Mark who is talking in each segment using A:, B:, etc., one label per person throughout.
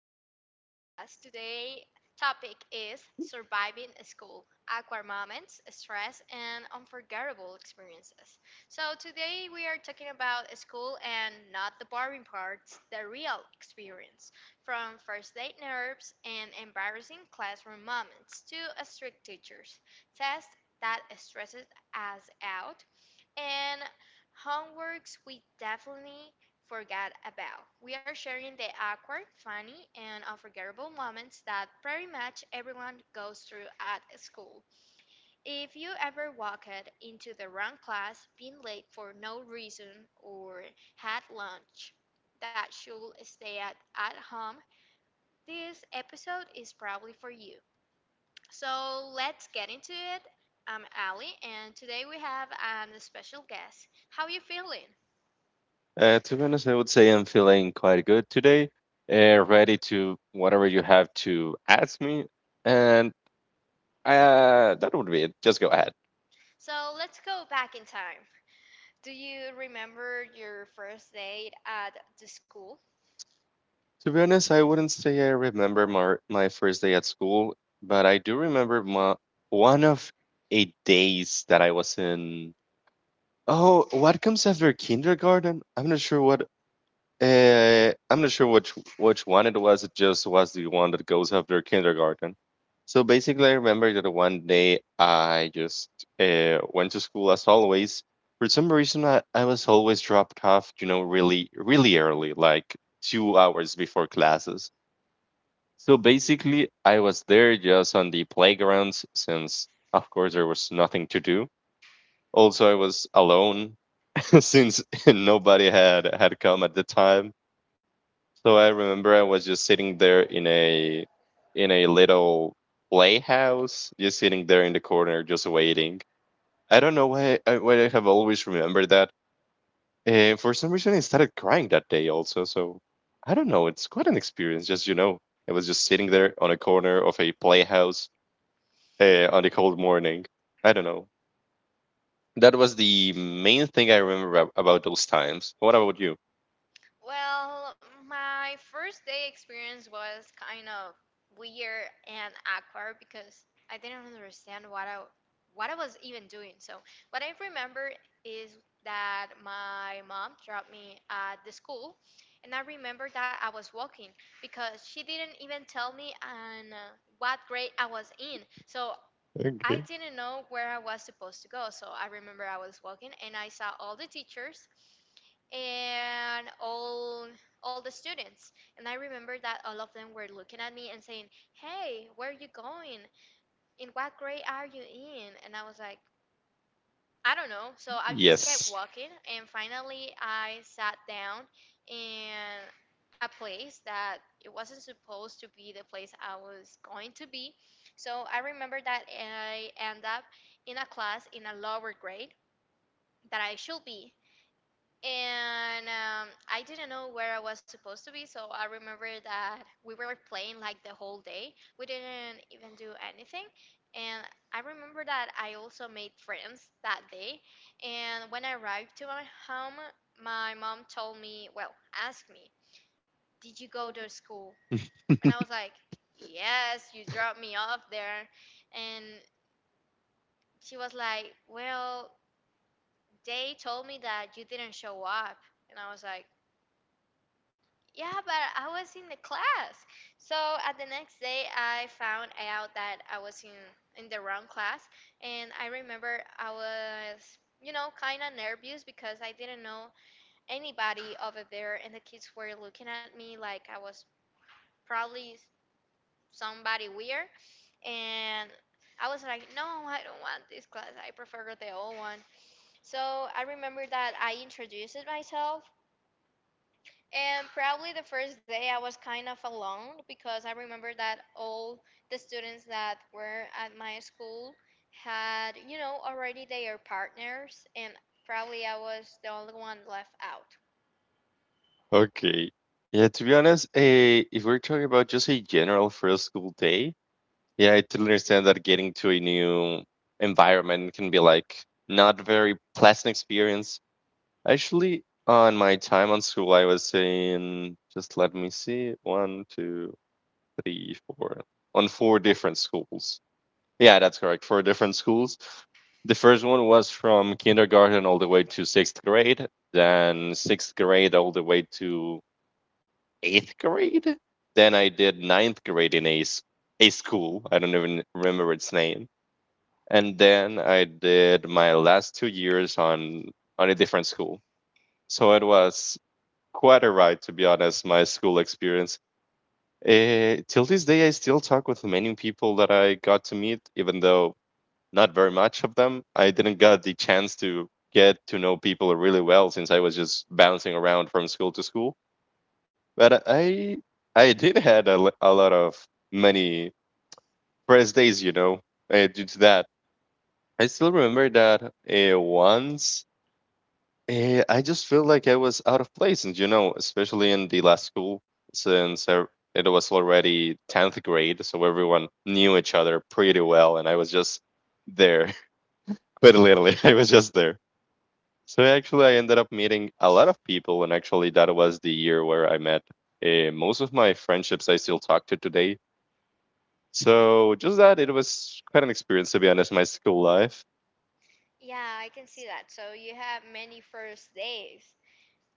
A: to our podcast. Today topic is
B: Hmm.
A: surviving school, awkward moments, stress and unforgettable experiences. So today we are talking about school and not the boring parts, the real experience. From first date nerves and embarrassing classroom moments to strict teachers, tests that stresses us out and homeworks we definitely forget about. We are sharing the awkward, funny, and unforgettable moments that pretty much everyone goes through at school. If you ever walked into the wrong class, been late for no reason, or had lunch that should stay at home, this episode is probably for you. So let's get into it. I'm Ali, and today we have a special guest. How are you feeling?
B: To be honest, I would say I'm feeling quite good today, ready to whatever you have to ask me. And that would be it. Just go ahead.
A: So let's go back in time. Do you remember your first date at the school?
B: To be honest, I wouldn't say I remember my first day at school, but I do remember one of 8 days that I was in. Oh, what comes after kindergarten? I'm not sure what I'm not sure which one it was. It just was the one that goes after kindergarten. So basically, I remember that one day I just went to school as always. For some reason, I was always dropped off, really, really early, like 2 hours before classes. So basically, I was there just on the playgrounds since, of course, there was nothing to do. Also, I was alone since nobody had come at the time, so I remember I was just sitting there in a little playhouse, just sitting there in the corner, just waiting. I don't know why I have always remembered that. And for some reason, I started crying that day also. So I don't know. It's quite an experience, just. I was just sitting there on a corner of a playhouse on a cold morning. I don't know. That was the main thing I remember about those times. What about you?
A: Well, my first day experience was kind of weird and awkward because I didn't understand what I was even doing. So, what I remember is that my mom dropped me at the school, and I remember that I was walking because she didn't even tell me and what grade I was in. So, I didn't know where I was supposed to go. So I remember I was walking and I saw all the teachers and all the students. And I remember that all of them were looking at me and saying, "Hey, where are you going? In what grade are you in?" And I was like, I don't know. So I just kept
B: Yes.
A: walking, and finally I sat down in a place that it wasn't supposed to be the place I was going to be. So I remember that I end up in a class in a lower grade that I should be and I didn't know where I was supposed to be. So I remember that we were playing like the whole day. We didn't even do anything. And I remember that I also made friends that day. And when I arrived to my home, my mom told me, well, asked me, did you go to school? And I was like, yes, you dropped me off there. And she was like, well, they told me that you didn't show up. And I was like, yeah, but I was in the class. So at the next day, I found out that I was in the wrong class, and I remember I was, you know, kind of nervous because I didn't know anybody over there, and the kids were looking at me like I was probably somebody weird, and I was like, no, I don't want this class. I prefer the old one. So I remember that I introduced myself. And probably the first day I was kind of alone because I remember that all the students that were at my school had, you know, already their partners, and probably I was the only one left out.
B: Okay. Yeah, to be honest, if we're talking about just a general first school day, yeah, I totally understand that getting to a new environment can be like not very pleasant experience. Actually, on my time on school, I was in, just let me see, one, two, three, four, on four different schools. Yeah, that's correct, four different schools. The first one was from kindergarten all the way to sixth grade, then sixth grade all the way to eighth grade. Then I did ninth grade in a school. I don't even remember its name. And then I did my last 2 years on a different school. So it was quite a ride, to be honest. My school experience. Till this day, I still talk with many people that I got to meet, even though not very much of them. I didn't got the chance to get to know people really well since I was just bouncing around from school to school, but I did had a lot of many press days, due to that. I still remember that once, I just felt like I was out of place, and especially in the last school, since it was already 10th grade, so everyone knew each other pretty well, and I was just there. But literally, I was just there. So actually, I ended up meeting a lot of people, and actually, that was the year where I met most of my friendships I still talk to today. So just that, it was quite an experience, to be honest. My school life.
A: Yeah, I can see that. So you have many first days.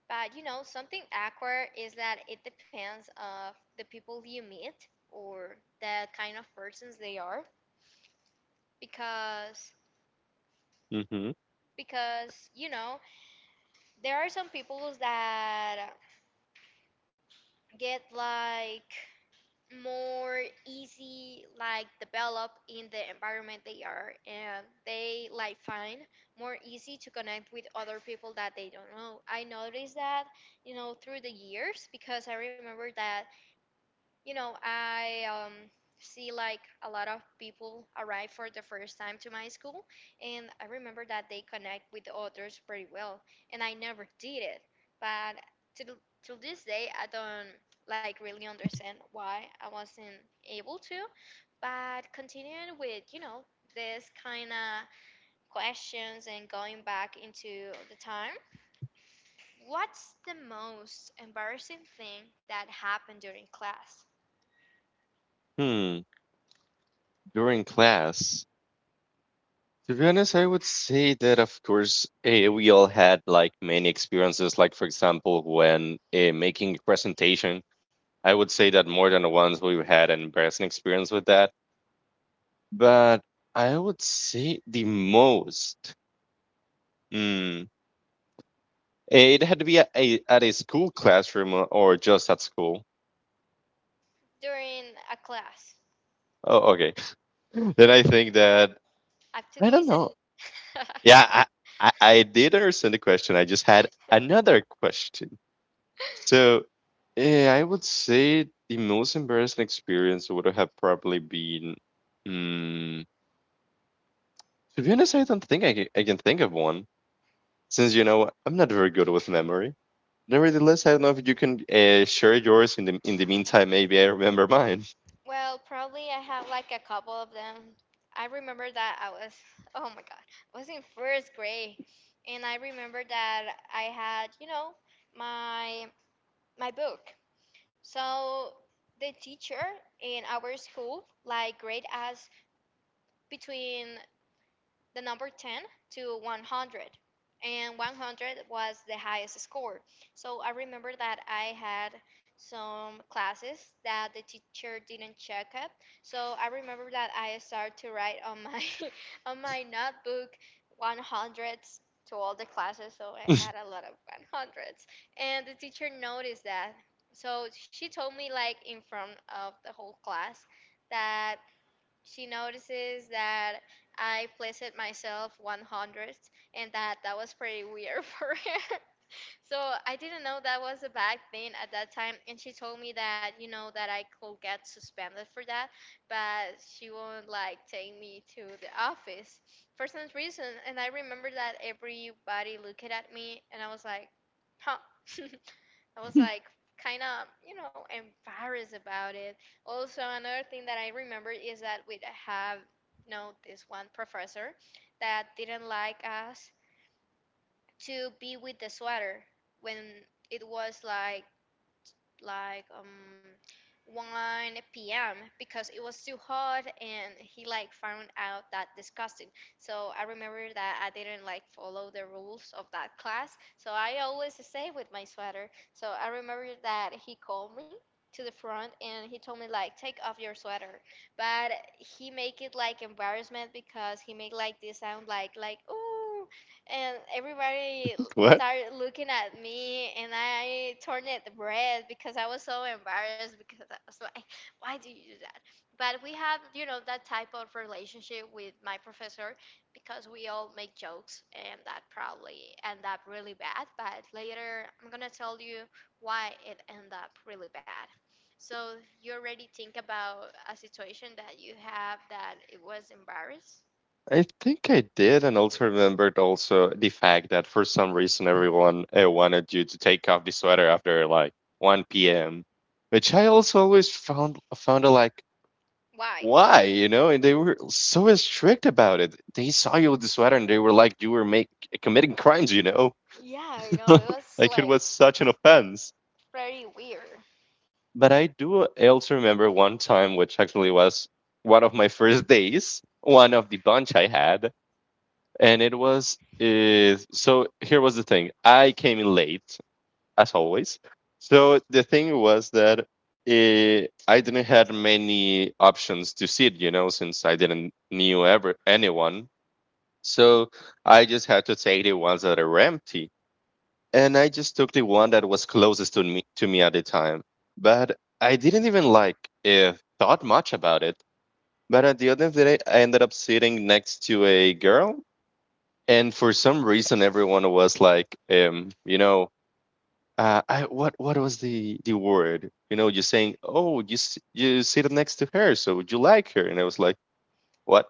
A: But you know, something awkward is that it depends of the people you meet or the kind of persons they are because
B: Hmm.
A: because you know, there are some people that get like more easy like develop in the environment they are and they like find more easy to connect with other people that they don't know. I noticed that you know through the years because I remember that you know, I see like a lot of people arrive for the first time to my school, and I remember that they connect with the others pretty well, and I never did it. But to th- to this day, I don't like really understand why I wasn't able to. But continuing with you know this kind of questions and going back into the time, what's the most embarrassing thing that happened during class?
B: Hmm. During class. To be honest, I would say that, of course, we all had like many experiences. Like for example, when making a presentation, I would say that more than once we've had an embarrassing experience with that. But I would say the most. Hmm. It had to be at a school classroom or just at school.
A: During a class.
B: Oh, okay. Then I think that
A: Active
B: I don't
A: listening.
B: know. Yeah, I did understand the question. I just had another question. So, I would say the most embarrassing experience would have probably been. Mm, to be honest, I don't think I can think of one. Since you know I'm not very good with memory. Nevertheless, I don't know if you can share yours in the meantime. Maybe I remember mine.
A: Well, probably I have like a couple of them. I remember that I was, oh my God, I was in first grade, and I remember that I had, you know, my my book. So the teacher in our school like grade us between the number 10 to 100, and 100 was the highest score. So I remember that I had some classes that the teacher didn't check up. So I remember that I started to write on my on my notebook 100s to all the classes, so I had a lot of 100s and the teacher noticed that. So she told me like in front of the whole class that she notices that I placed it myself 100th and that was pretty weird for her. So I didn't know that was a bad thing at that time, and she told me that you know that I could get suspended for that, but she won't like take me to the office for some reason. And I remember that everybody looked at me, and I was like, huh. I was like kind of, you know, embarrassed about it. Also, another thing that I remember is that we have, you know, this one professor that didn't like us to be with the sweater when it was like 1 p.m. because it was too hot and he like found out that disgusting. So I remember that I didn't like follow the rules of that class. So I always stay with my sweater. So I remember that he called me to the front and he told me like take off your sweater. But he make it like embarrassment because he make like this sound like ooh and everybody
B: What?
A: started looking at me and I turned it red because I was so embarrassed because I was like why do you do that. But we have you know that type of relationship with my professor because we all make jokes and that probably end up really bad, but later I'm gonna tell you why it ended up really bad. So you already think about a situation that you have that it was embarrassed.
B: I think I did, and also remembered also the fact that for some reason everyone wanted you to take off the sweater after like 1 p.m., which I also always found like
A: Why?
B: why, and they were so strict about it. They saw you with the sweater and they were like you were make committing crimes,
A: Yeah, you know, it was
B: like it
A: like
B: was such an offense.
A: very weird.
B: But I do also remember one time, which actually was one of my first days, one of the bunch I had, and it was is so, here was the thing. I came in late as always, so the thing was that I didn't had many options to sit, since I didn't knew ever anyone, so I just had to take the ones that are empty and I just took the one that was closest to me at the time, but I didn't even like eh, thought much about it. But at the end of the day I ended up sitting next to a girl, and for some reason everyone was like, what was the word, you're saying, oh you sit next to her so you like her. And I was like, what?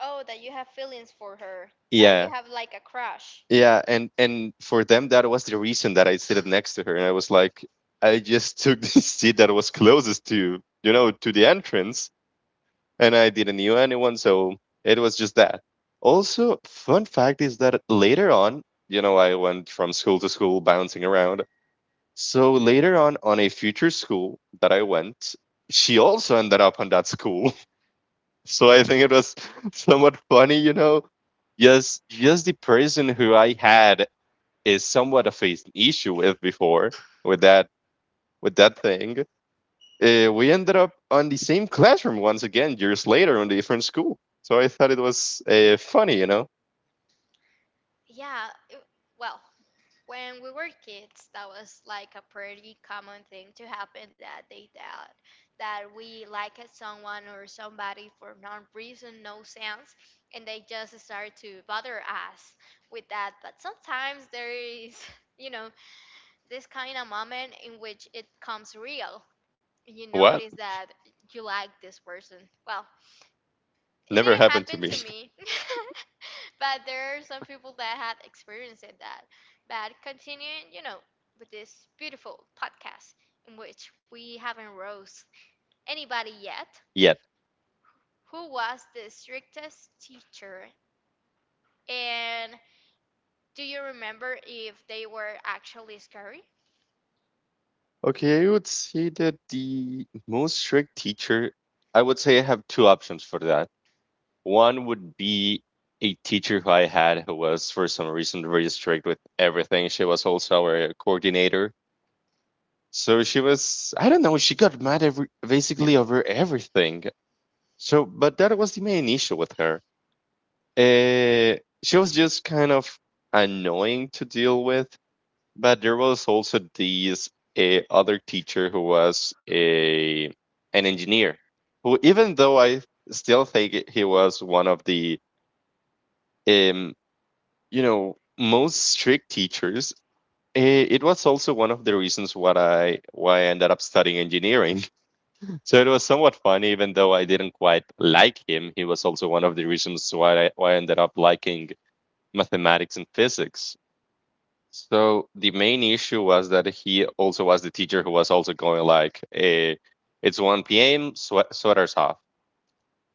A: Oh, that you have feelings for her, that
B: Yeah,
A: you have like a crush.
B: yeah, and for them that was the reason that I sit next to her, and I was like, I just took the seat that was closest to, the entrance, and I didn't knew anyone, so it was just that. Also, fun fact is that later on, I went from school to school bouncing around. So later on a future school that I went, she also ended up on that school. So I think it was somewhat funny. Yes, yes, the person who I had is somewhat of an issue with before with that thing. We ended up on the same classroom once again years later on a different school. So I thought it was funny.
A: Yeah, well, when we were kids, that was like a pretty common thing to happen that day that we like at someone or somebody for no reason, no sense, and they just start to bother us with that. But sometimes there is, you know, this kind of moment in which it comes real. You
B: What?
A: notice that you like this person. Well, it
B: Never
A: didn't
B: happened to
A: happen
B: me
A: to me, but there are some people that had experienced it that. But continuing, you know, with this beautiful podcast in which we haven't rose anybody yet.
B: yet.
A: Who was the strictest teacher? And do you remember if they were actually scary?
B: Okay, I would say that the most strict teacher, I would say I have two options for that. One would be a teacher who I had who was, for some reason, very strict with everything. She was also our coordinator. So she was, I don't know, she got mad basically over everything. So, but that was the main issue with her. Uh, she was just kind of annoying to deal with. But there was also this other teacher who was a an engineer, who even though I still think he was one of the um, most strict teachers, it was also one of the reasons what I why I ended up studying engineering. So it was somewhat funny, even though I didn't quite like him. He was also one of the reasons why I ended up liking mathematics and physics. So the main issue was that he also was the teacher who was also going like, "It's 1 p.m. Sweaters off."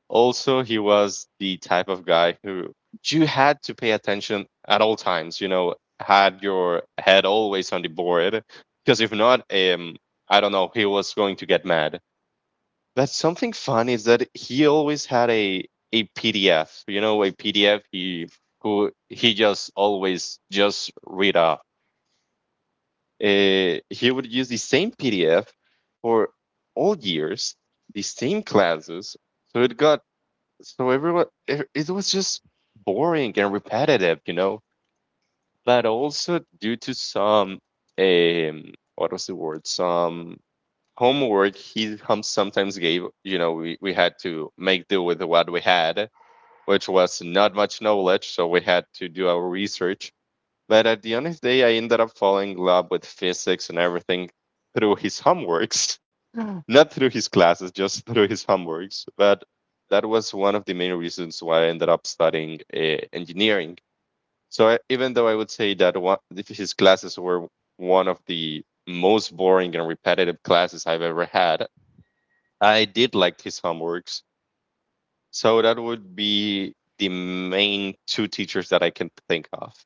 B: Also, he was the type of guy who you had to pay attention at all times. You know, had your head always on the board, because if not, I don't know, he was going to get mad. But something fun is that he always had a PDF. You know, a PDF he who he just always just read off, he would use the same PDF for all years, the same classes. So it got so everyone, it was just boring and repetitive. But also due to some what was the word some homework he hum sometimes gave, we had to make do with what we had, which was not much knowledge, so we had to do our research. But at the end of the day, I ended up falling in love with physics and everything through his homeworks, not through his classes, just through his homeworks. But that was one of the main reasons why I ended up studying engineering. So even though I would say that his classes were one of the most boring and repetitive classes I've ever had, I did like his homeworks. So that would be the main two teachers that I can think of.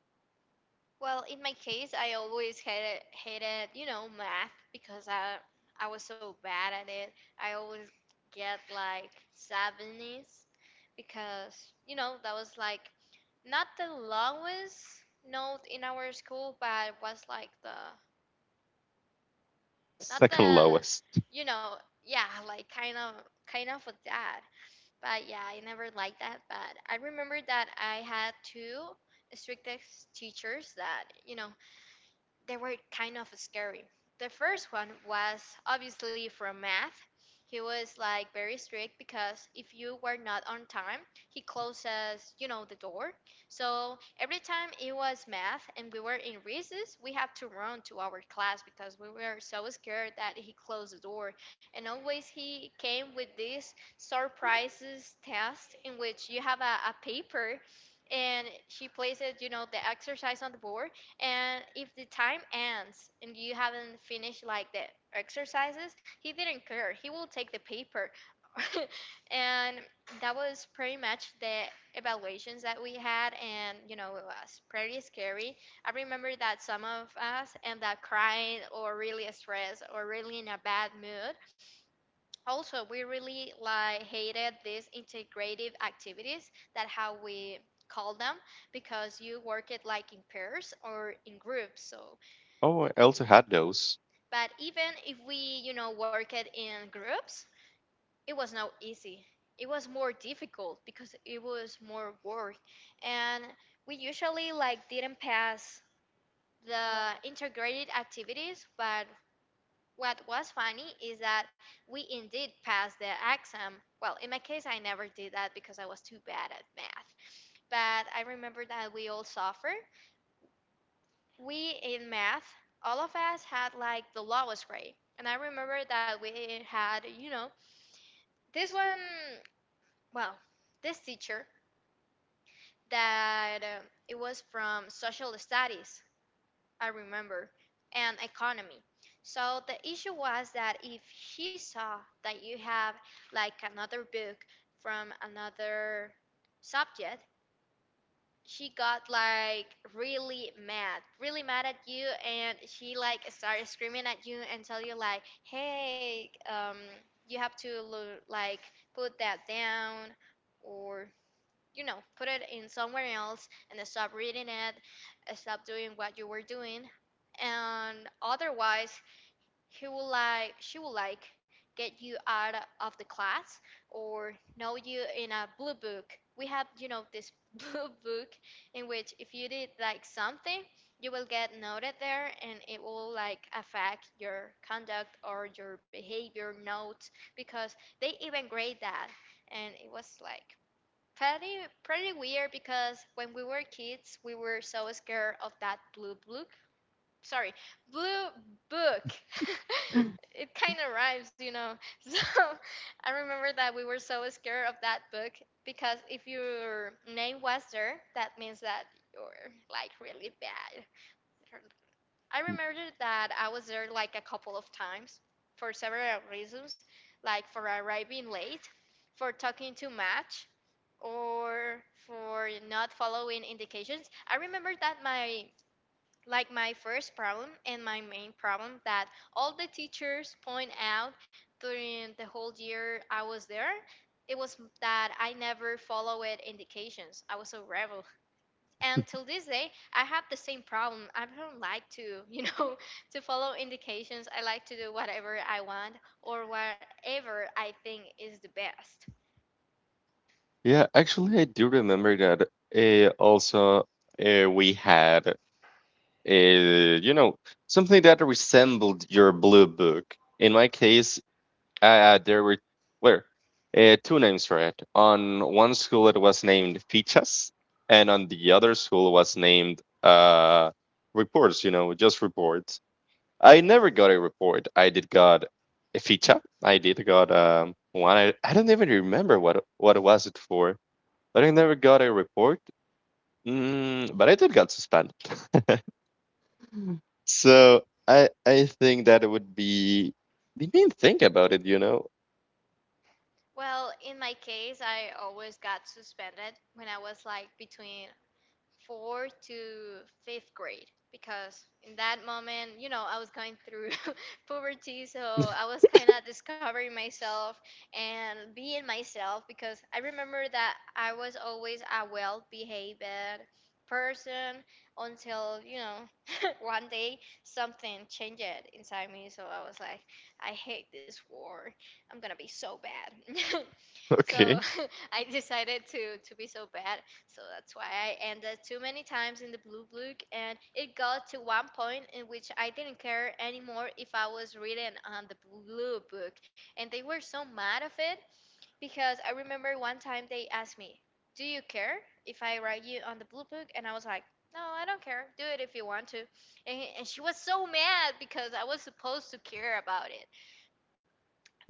A: Well, in my case, I always hated you know math because I was so bad at it. I always get like seventies because you know that was like not the lowest note in our school, but it was like the not the
B: Second lowest.
A: you know yeah like kind of a dad. But yeah, I never liked that. But I remember that I had two strict teachers that you know they were kind of scary. The first one was obviously from math. He was like very strict because if you were not on time, he closes, you know, the door. So every time it was math and we were in recess, we have to run to our class because we were so scared that he closed the door. And always he came with this surprises test in which you have a paper and she places, you know, the exercise on the board and if the time ends and you haven't finished like the exercises, he didn't care. He will take the paper. And that was pretty much the evaluations that we had and you know it was pretty scary. I remember that some of us end up crying or really stressed or really in a bad mood. Also, we really like hated these integrative activities that how we call them because you work it like in pairs or in groups. So,
B: Oh, I also had those.
A: but even if we, you know, work it in groups, it was not easy. It was more difficult because it was more work and we usually like didn't pass the integrated activities, but what was funny is that we indeed passed the exam. Well, in my case, I never did that because I was too bad at math. But I remember that we all suffered. We in math, all of us had like the lowest grade. And I remember that we had, you know, this one, well, this teacher that it was from social studies. I remember, and economy. So the issue was that if she saw that you have like another book from another subject, she got like really mad at you, and she like started screaming at you and tell you like, "Hey, you have to like put that down," or you know, put it in somewhere else and stop reading it, stop doing what you were doing. And otherwise, he will like, she will like get you out of the class or know you in a blue book. We have, you know, this blue book in which if you did like something, you will get noted there and it will like affect your conduct or your behavior notes because they even grade that. And it was like, pretty, pretty weird because when we were kids, we were so scared of that blue book. Sorry, blue book. It kind of rhymes, you know. So I remember that we were so scared of that book because if your name was there, that means that you're like really bad. I remember that I was there like a couple of times for several reasons, like for arriving late, for talking too much, or for not following indications. I remember that my first problem and my main problem that all the teachers point out during the whole year I was there, it was that I never followed indications. I was a rebel. And till this day, I have the same problem. I don't like to, you know, to follow indications. I like to do whatever I want or whatever I think is the best.
B: Yeah, actually, I do remember that. Also, we had, you know, something that resembled your blue book. In my case, there were two names for it. On one school, it was named Fichas, and on the other school was named Reports. You know, just reports. I never got a report. I did got a feature. I did got one. I don't even remember what was it for, but I never got a report. But I did got suspended. So I think that it would be the main thing about it.
A: Well, in my case, I always got suspended when I was like between fourth to fifth grade because in that moment, you know, I was going through puberty, so I was kind of discovering myself and being myself because I remember that I was always a well behaved person until, you know, one day something changed inside me, so I was like, I hate this war. I'm gonna be so bad. So
B: Okay.
A: I decided to be so bad, so that's why I ended too many times in the blue book, and it got to one point in which I didn't care anymore if I was reading on the blue book. And they were so mad of it because I remember one time they asked me, "Do you care if I write you on the blue book?" And I was like, "No, I don't care. Do it if you want to." And she was so mad because I was supposed to care about it,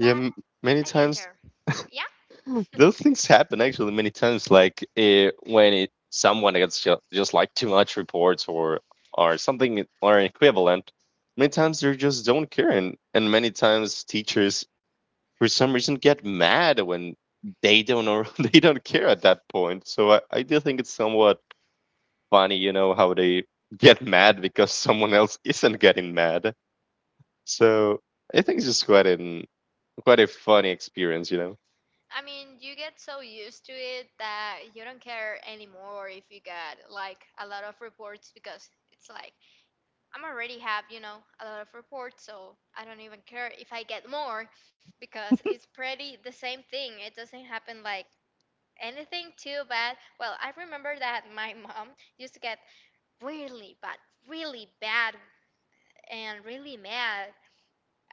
B: Yeah. m-
A: I
B: Many
A: didn't care.
B: times
A: Yeah.
B: those things happen actually many times like when it someone gets just like too much reports or something or equivalent many times they just don't care and many times teachers for some reason get mad when they don't know they don't care at that point so I do think it's somewhat funny you know how they get mad because someone else isn't getting mad so I think it's just quite a funny experience.
A: I mean, you get so used to it that you don't care anymore if you got like a lot of reports because it's like I'm already have, you know, a lot of reports, so I don't even care if I get more because it's pretty the same thing. It doesn't happen like anything too bad. Well, I remember that my mom used to get really bad, really bad and really mad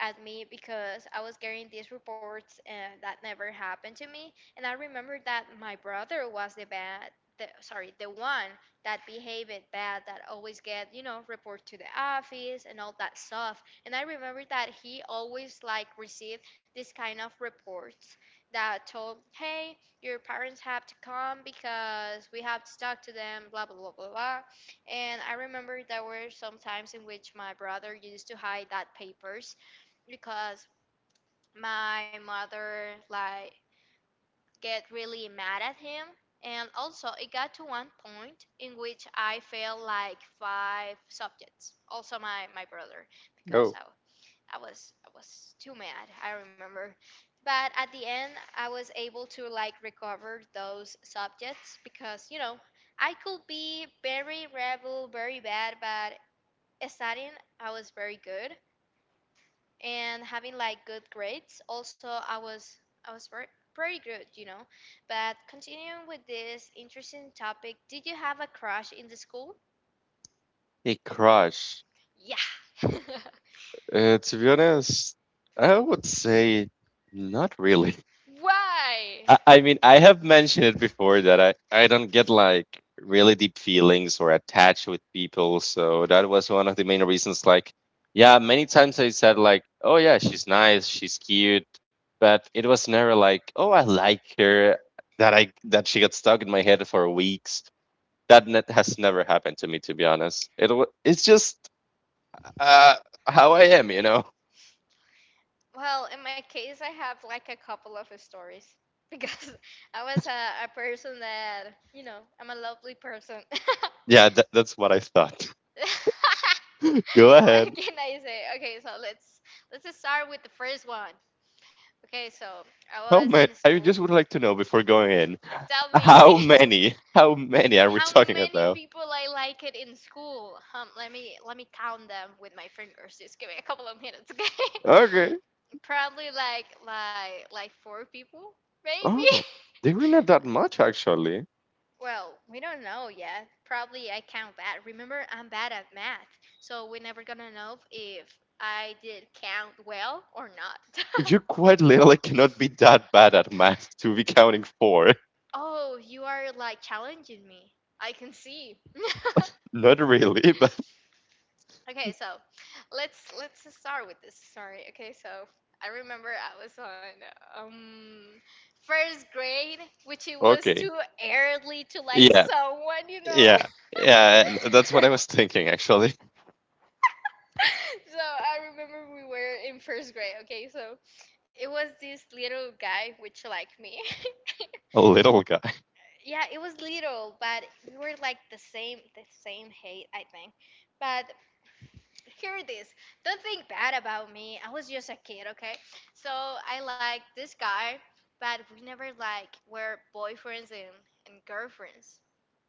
A: at me because I was getting these reports and that never happened to me. And I remember that my brother was sorry, the one that behaved bad, that always get, you know, report to the office and all that stuff. And I remember that he always like received this kind of reports that told, hey, your parents have to come because we have to talk to them, blah, blah, blah, blah, blah. And I remember there were some times in which my brother used to hide that papers because my mother like get really mad at him, and also it got to one point in which I failed like five subjects, also my brother
B: Oh,
A: because I was too mad, I remember, but at the end I was able to like recover those subjects because you know I could be very rebel, very bad, but studying I was very good and having like good grades. Also, I was very pretty good, you know. But continuing with this interesting topic, did you have a crush in the school?
B: a crush.
A: Yeah.
B: To be honest, I would say not really.
A: Why?
B: I mean, I have mentioned it before that I don't get like really deep feelings or attached with people. So that was one of the main reasons. Like, yeah, many times I said, like, oh, yeah, she's nice, she's cute. But it was never like, oh, I like her. That she got stuck in my head for weeks. That has never happened to me, to be honest. It's just uh, how I am.
A: Well, in my case, I have like a couple of stories because I was a person that, you know, I'm a lovely person. What
B: Yeah, that's what I thought. Go ahead.
A: can I say? Okay, so let's just start with the first one. Okay, so I
B: How
A: was in
B: many? I
A: school.
B: just would like to know before going in.
A: Tell me
B: How many? How many are we
A: how
B: talking
A: many
B: about?
A: people I like it in school. Let me count them with my fingers. Just give me a couple of minutes, okay?
B: Okay.
A: Probably like like four people, maybe.
B: Oh, they were not that much actually.
A: Well, we don't know yet. Probably I count bad. Remember, I'm bad at math, so we're never gonna know if I did count well or not.
B: You quite literally cannot be that bad at math to be counting four.
A: Oh, you are like challenging me. I can see.
B: Not really, but
A: Okay, so let's start with this story. Okay, so I remember I was on first grade, which it was
B: okay.
A: too early to like
B: Yeah,
A: someone, you know.
B: yeah, yeah. That's what I was thinking actually.
A: So I remember we were in first grade. Okay, so it was this little guy which liked me.
B: A little guy.
A: Yeah, it was little, but we were like the same height, I think. But hear this. Don't think bad about me. I was just a kid, okay? So I like this guy, but we never like were boyfriends and girlfriends.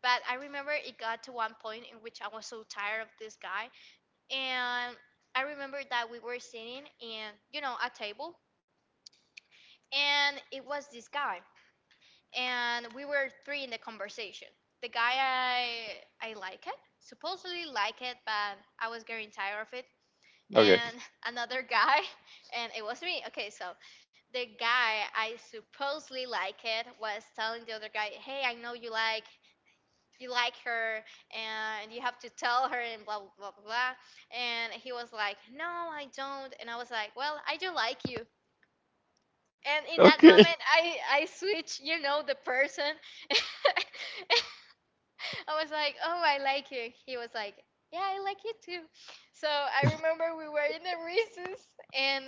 A: But I remember it got to one point in which I was so tired of this guy. And I remember that we were sitting in, you know, a table. And it was this guy. And we were three in the conversation. The guy I like it. Supposedly like it, but I was getting tired of it
B: Okay,
A: and another guy, and it was me. Okay, so the guy I supposedly like it was telling the other guy, "Hey, I know you like her, and you have to tell her," and blah blah blah. And he was like, "No, I don't," and I was like, "Well, I do like you." And in that moment,
B: okay,
A: I switch, you know, the person. I was like, "Oh, I like you." He was like, "Yeah, I like you too." So I remember we were in the recess, and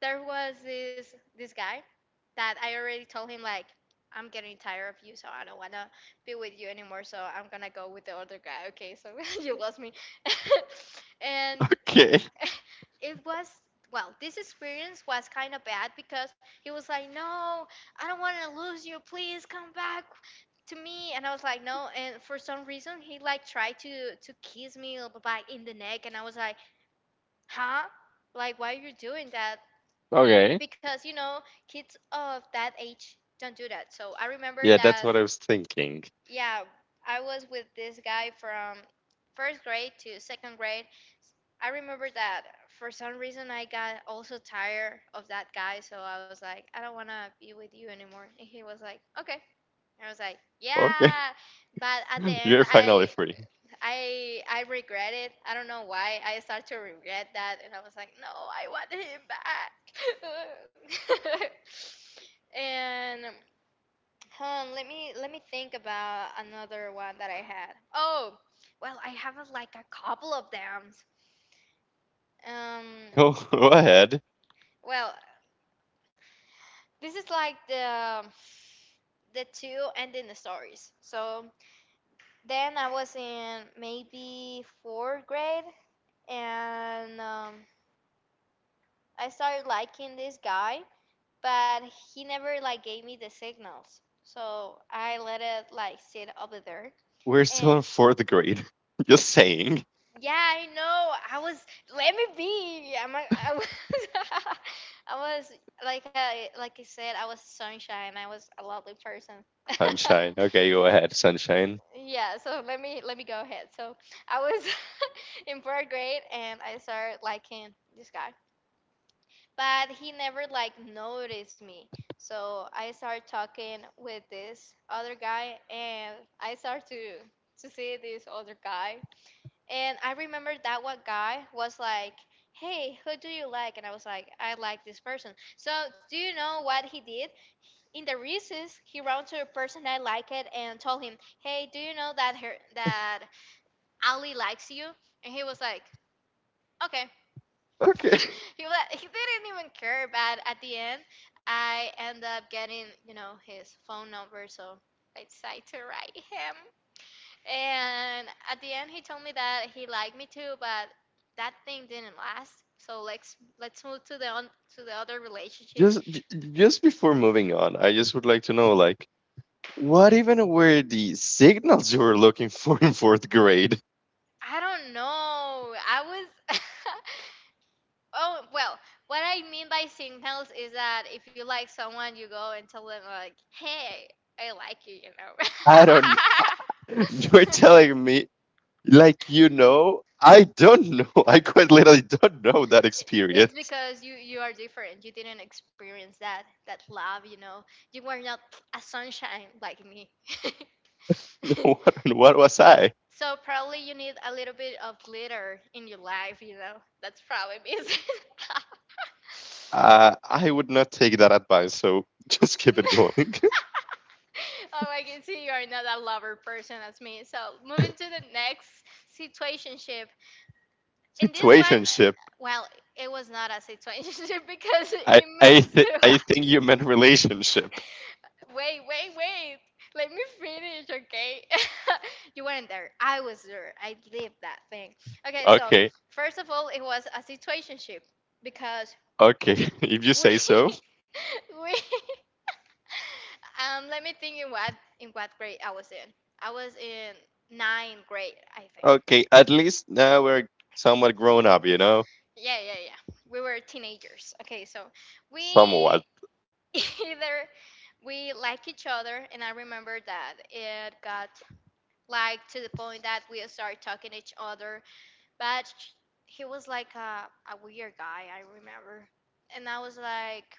A: there was this guy that I already told him like, "I'm getting tired of you, so I don't wanna be with you anymore. So I'm gonna go with the other guy." Okay, so you lost me, and
B: okay,
A: it was, well, this experience was kind of bad because he was like, no, I don't want to lose you, please come back to me, and I was like, no, and for some reason he like tried to kiss me like in the neck, and I was like, huh, like why are you doing that,
B: okay.
A: because you know kids of that age don't do that. So I remember
B: Yeah, that's
A: that,
B: what I was thinking.
A: yeah, I was with this guy from first grade to second grade. I remember that for some reason I got also tired of that guy, so I was like, I don't want to be with you anymore. And he was like, okay. I was like,
B: Okay,
A: yeah, but at the end,
B: you're finally
A: I
B: free.
A: I I regret it. I don't know why I start to regret that, and I was like, no, I want him back. And hold on, let me think about another one that I had. Oh, well, I have a, like a couple of them. Um,
B: Go ahead.
A: Well, this is like the two ending the stories. So then I was in maybe fourth grade, and I started liking this guy, but he never like gave me the signals. So I let it like sit over there,
B: We're still
A: and
B: in fourth grade. Just saying.
A: yeah, I know. I was, let me be. I'm a, I was I was like I said, I was sunshine. I was a lovely person.
B: Sunshine. Okay, go ahead, Sunshine.
A: Yeah, so let me go ahead. So I was in fourth grade and I started liking this guy. But he never like noticed me. So I started talking with this other guy and I started to see this other guy and I remember that one guy was like, "Hey, who do you like?" And I was like, "I like this person." So do you know what he did? In the recess, he ran to the person I like it and told him, "Hey, do you know that her that Ali likes you?" And he was like, "Okay."
B: Okay.
A: He was, he didn't even care. But at the end, I end up getting you know his phone number, so I decided to write him. And at the end, he told me that he liked me too, but that thing didn't last. So let's move to the other relationship.
B: Just j- just before moving on, I just would like to know like what even were the signals you were looking for in fourth grade?
A: I don't know. I was oh well. What I mean by signals is that if you like someone, you go and tell them like, "Hey, I like you," you
B: I don't you're
A: know.
B: telling me like I don't know. I quite literally don't know that
A: It's
B: experience.
A: because you are different. You didn't experience that love. You were not a sunshine like me.
B: What was I?
A: So probably you need a little bit of glitter in your life. That's probably me.
B: I would not take that advice, so just keep it going.
A: Oh, I can see you are not a lover person as me. So moving to the next situationship. In this one,
B: Situationship.
A: well, it was not a situationship because
B: I
A: it
B: I
A: moves
B: th- I
A: to.
B: think you meant relationship.
A: Wait, wait, wait. Let me finish, okay? You weren't there. I was there. I lived that thing. Okay, so
B: Okay,
A: first of all, it was a situationship because
B: okay. If you
A: we
B: say so.
A: we let me think in what grade I was in. I was in ninth grade, I think.
B: Okay, at least now we're somewhat grown up.
A: Yeah, yeah, yeah. We were teenagers. Okay, so we
B: Somewhat.
A: either we like each other, and I remember that it got like to the point that we started talking to each other. But he was like a weird guy, I remember. And I was like,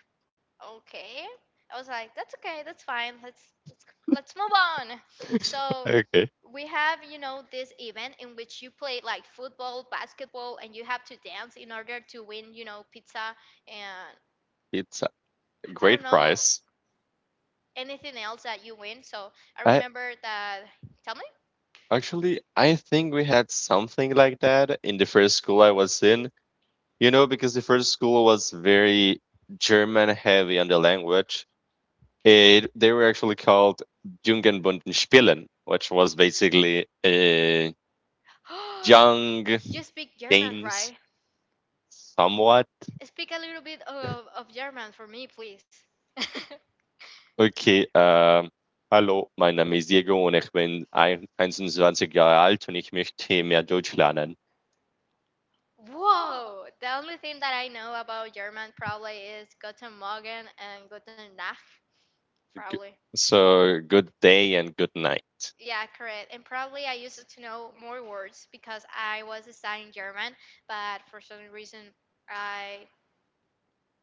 A: okay. I was like, that's okay, that's fine. Let's move on. So
B: Okay,
A: we have this event in which you play like football, basketball, and you have to dance in order to win pizza and
B: it's a
A: I don't
B: great
A: know
B: price.
A: anything else that you win. So I
B: I
A: remember that. Tell
B: I think we had something like that in the first school I was in. Because the first school was very German heavy on the language. They were actually called Jungenbundenspielen, which was basically
A: me.
B: young
A: You speak German,
B: games
A: right?
B: somewhat.
A: Speak a little bit of German for me, please.
B: Okay, hallo, mein Name ist Diego und ich bin 21 Jahre alt und ich möchte mehr Deutsch lernen.
A: Whoa! The only thing that I know about German probably is Guten Morgen and Guten Nacht,
B: G-
A: probably.
B: So, good day and good night.
A: Yeah, correct. And probably I used to know more words because I was studying German, but for some reason I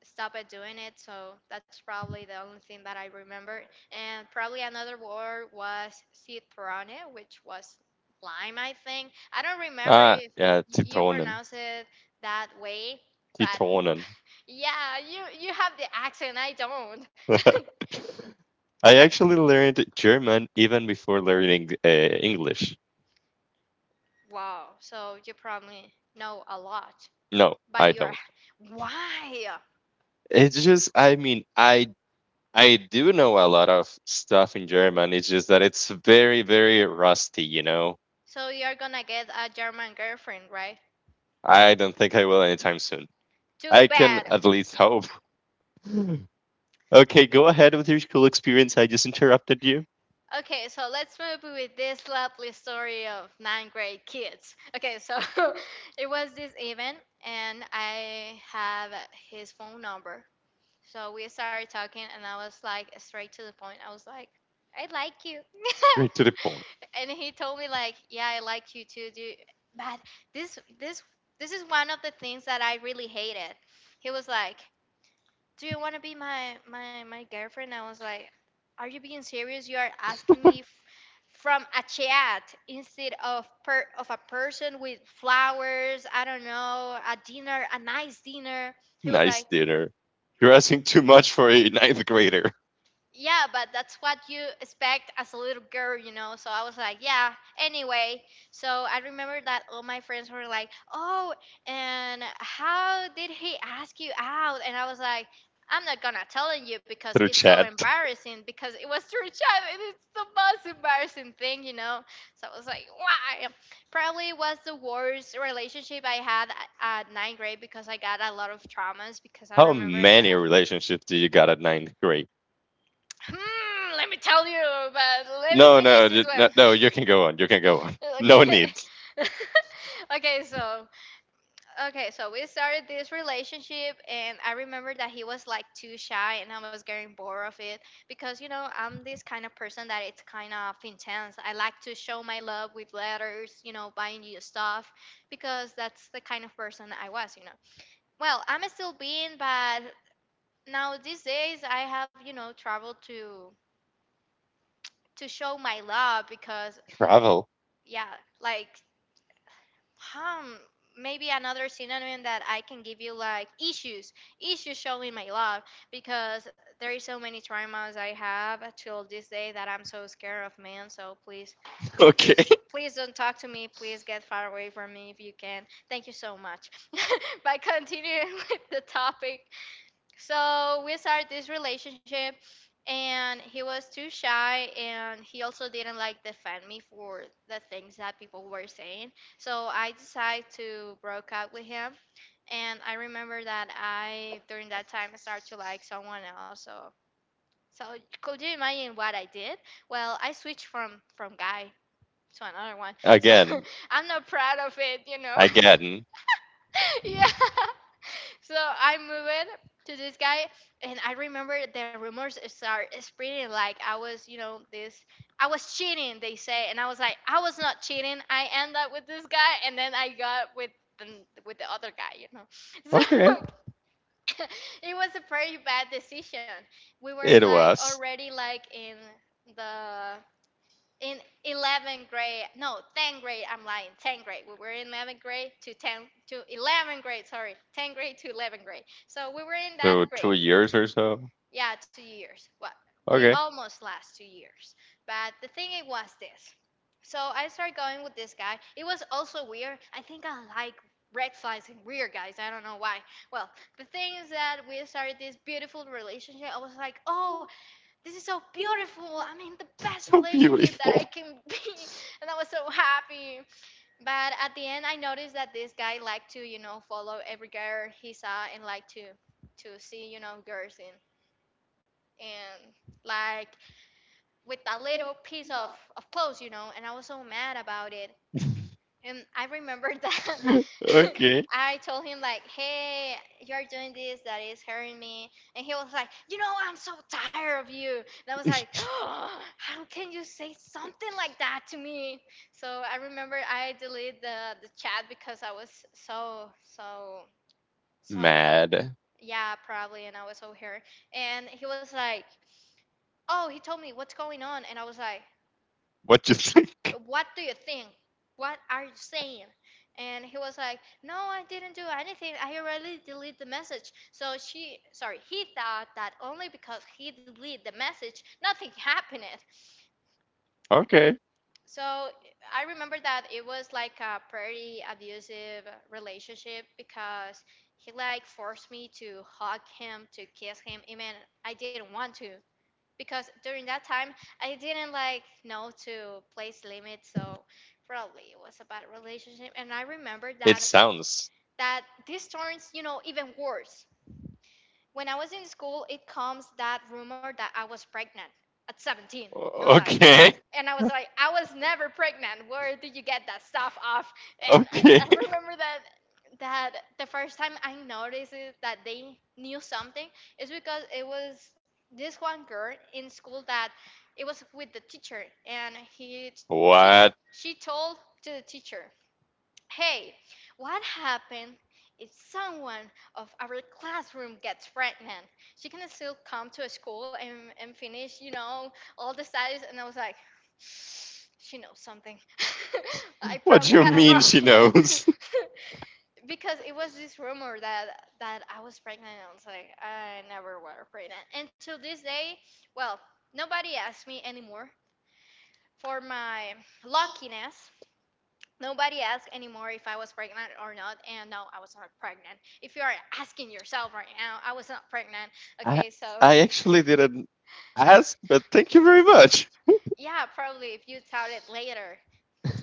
A: stop at doing it. So that's probably the only thing that I remember. And probably another word was citrone, which was lime, I think. I don't remember
B: Ah,
A: if
B: yeah,
A: you
B: Zitronen.
A: pronounce it that way, but
B: Zitronen.
A: yeah, you have the accent. I don't.
B: I
A: But
B: actually learned German even before learning English.
A: wow, so you probably know a lot.
B: No, I
A: But you're
B: don't.
A: why?
B: It's just, I mean, I do know a lot of stuff in German. It's just that it's very, very rusty, you know?
A: So you're gonna get a German girlfriend, right?
B: I don't think I will anytime soon.
A: Too
B: I can
A: bad.
B: at least hope. Okay, go ahead with your school experience. I just interrupted you.
A: Okay, so let's move with this lovely story of ninth grade kids. Okay, so it was this event, and I have his phone number. So we started talking, and I was like straight to the point. I was like, I like you.
B: Straight to the point.
A: And he told me like, yeah, I like you too, dude. But this this this is one of the things that I really hated. He was like, do you want to be my girlfriend? I was like, are you being serious? You are asking me from a chat instead of per of a person, with flowers, I don't know, a dinner, a nice dinner? He was
B: Nice
A: like,
B: dinner. You're asking too much for a ninth grader
A: yeah, but that's what you expect as a little girl. So I was like, yeah. Anyway, so I remember that all my friends were like, oh, and how did he ask you out? And I was like, I'm not gonna tell you because
B: through
A: it's so
B: chat.
A: embarrassing because it was through chat and it's the most embarrassing thing. So I was like, why? Probably was the worst relationship I had at ninth grade because I got a lot of traumas because I
B: How
A: remember
B: many
A: that.
B: relationships do you got at ninth grade?
A: Hmm, let me tell you, but let me
B: No,
A: finish
B: no,
A: this
B: no,
A: one.
B: no, you can go on. You can go on. No
A: Okay.
B: need.
A: okay, so okay, so we started this relationship and I remember that he was like too shy and I was getting bored of it because you know, I'm this kind of person that it's kind of intense. I like to show my love with letters, buying you stuff because that's the kind of person I was. Well, I'm still being, but now these days I have traveled to show my love because
B: Travel.
A: yeah, like hmm, maybe another synonym that I can give you like issues showing my love because there is so many traumas I have till this day that I'm so scared of men. So please, please,
B: Okay.
A: please don't talk to me. Please get far away from me if you can. Thank you so much. But continuing with the topic, so we started this relationship, and he was too shy, and he also didn't like defend me for the things that people were saying. So I decided to broke up with him, and I remember that I during that time I started to like someone else. so could you imagine what I did? Well, I switched from guy to another one. So
B: Again.
A: I'm not proud of it.
B: Again.
A: Yeah, so I moved to this guy, and I remember the rumors start spreading like I was, this. I was cheating, they say, and I was like, I was not cheating. I end up with this guy, and then I got with the other guy.
B: Okay.
A: So it was a very bad decision. We were
B: It
A: like
B: was.
A: already like the in 11th grade, no, 10th grade, I'm lying, 10th grade. We were in 11th grade to 10, to 11th grade, sorry, 10th grade to 11th grade. So we were in that
B: So two
A: grade,
B: years or so.
A: yeah, 2 years. Well, we
B: Okay.
A: almost last 2 years, but the thing it was this. So I started going with this guy. It was also weird. I think I like red flags and weird guys. I don't know why. Well, the thing is that we started this beautiful relationship. I was like, oh, this is so beautiful. I mean, the best
B: So
A: relationship that I
B: beautiful.
A: can be. And I was so happy. But at the end, I noticed that this guy liked to follow every girl he saw and liked to see girls in. And like with a little piece of clothes, and I was so mad about it. And I remember that
B: Okay.
A: I told him like, "Hey, you're doing this. That is hurting me." And he was like, "You know, I'm so tired of you." And I was like, "Oh, how can you say something like that to me?" So I remember I deleted the chat because I was so so uh,
B: Mad.
A: yeah probably, and I was so hurt. And he was like, "Oh," he told me what's going on, and I was like,
B: What you think?
A: what do you think? What are you saying? And he was like, no, I didn't do anything. I already deleted the message. So he thought that only because he deleted the message, nothing happened.
B: Okay.
A: So I remember that it was like a pretty abusive relationship because he like forced me to hug him, to kiss him, I mean, I didn't want to because during that time I didn't like know to place limits, so probably it was a bad relationship. And I remember
B: It
A: that
B: sounds.
A: this turns even worse when I was in school, it comes that rumor that I was pregnant at 17. I was
B: o-
A: like,
B: Okay.
A: and I was like, I was never pregnant. Where did you get that stuff off? And I
B: Okay.
A: remember that that the first time I noticed it, that they knew something is because it was this one girl in school that it was with the teacher, and he she
B: What?
A: she told to the teacher, hey, what happened if someone of our classroom gets pregnant? She can still come to school and and finish all the studies. And I was like, she knows something. I
B: What
A: probably
B: you
A: got it
B: mean she
A: wrong.
B: knows?
A: Because it was this rumor that I was pregnant and I was like, I never were pregnant. And to this day, well, nobody asked me anymore for my luckiness. Nobody asked anymore if I was pregnant or not, and no, I was not pregnant. If you are asking yourself right now, I was not pregnant.
B: I,
A: Okay, so
B: I actually didn't ask, but thank you very much.
A: yeah, probably if you tell it later.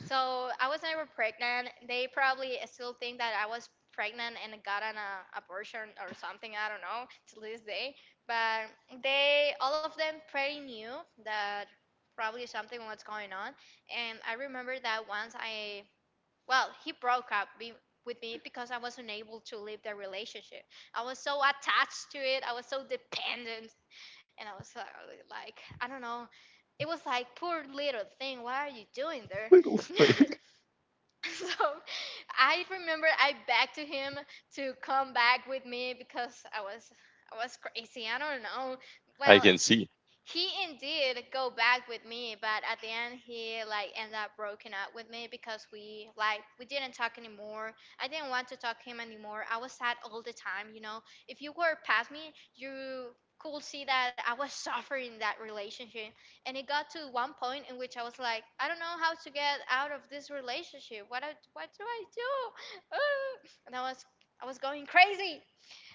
A: So I was never pregnant. They probably still think that I was pregnant and got an abortion or something. I don't know to this day. But they, all of them, pretty knew that probably something was going on. And I remember that once I well, he broke up with me because I was unable to leave the relationship. I was so attached to it. I was so dependent, and I was like, I don't know. It was like, poor little thing, what are you doing there?
B: Little thing.
A: So I remember I begged to him to come back with me because I was crazy. I don't know.
B: I
A: Well,
B: can see.
A: he indeed go back with me, but at the end he like ended up broken up with me because we like we didn't talk anymore. I didn't want to talk to him anymore. I was sad all the time. If you were past me, you could see that I was suffering in that relationship. And it got to one point in which I was like, I don't know how to get out of this relationship. What do I do? Ah. And I was going crazy.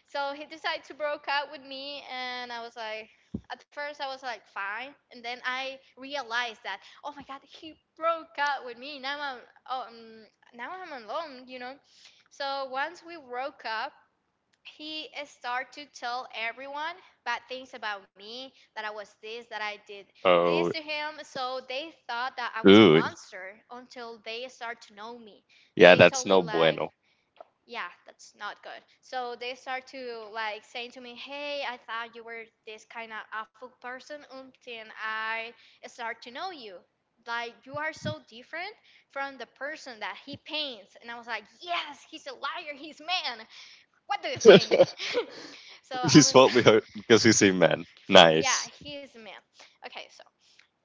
A: So he decided to broke up with me, and I was like, at first I was like fine, and then I realized that oh my God, he broke up with me. Oh um, now I'm alone. So once we broke up, he started to tell everyone bad things about me, that I was this, that I did this to
B: Oh,
A: him. So they thought that I was a
B: ooh.
A: monster until they start to know me.
B: Yeah,
A: They
B: that's
A: told me
B: no
A: like,
B: bueno.
A: yeah, that's not good. So they start to like saying to me, hey, I thought you were this kind of awful person until I start to know you. Like, you are so different from the person that he paints. And I was like, yes, he's a liar, he's man, what do you think? So I
B: He's
A: was
B: probably hurt because he's a man.
A: yeah,
B: Nice.
A: he's a man. Okay. so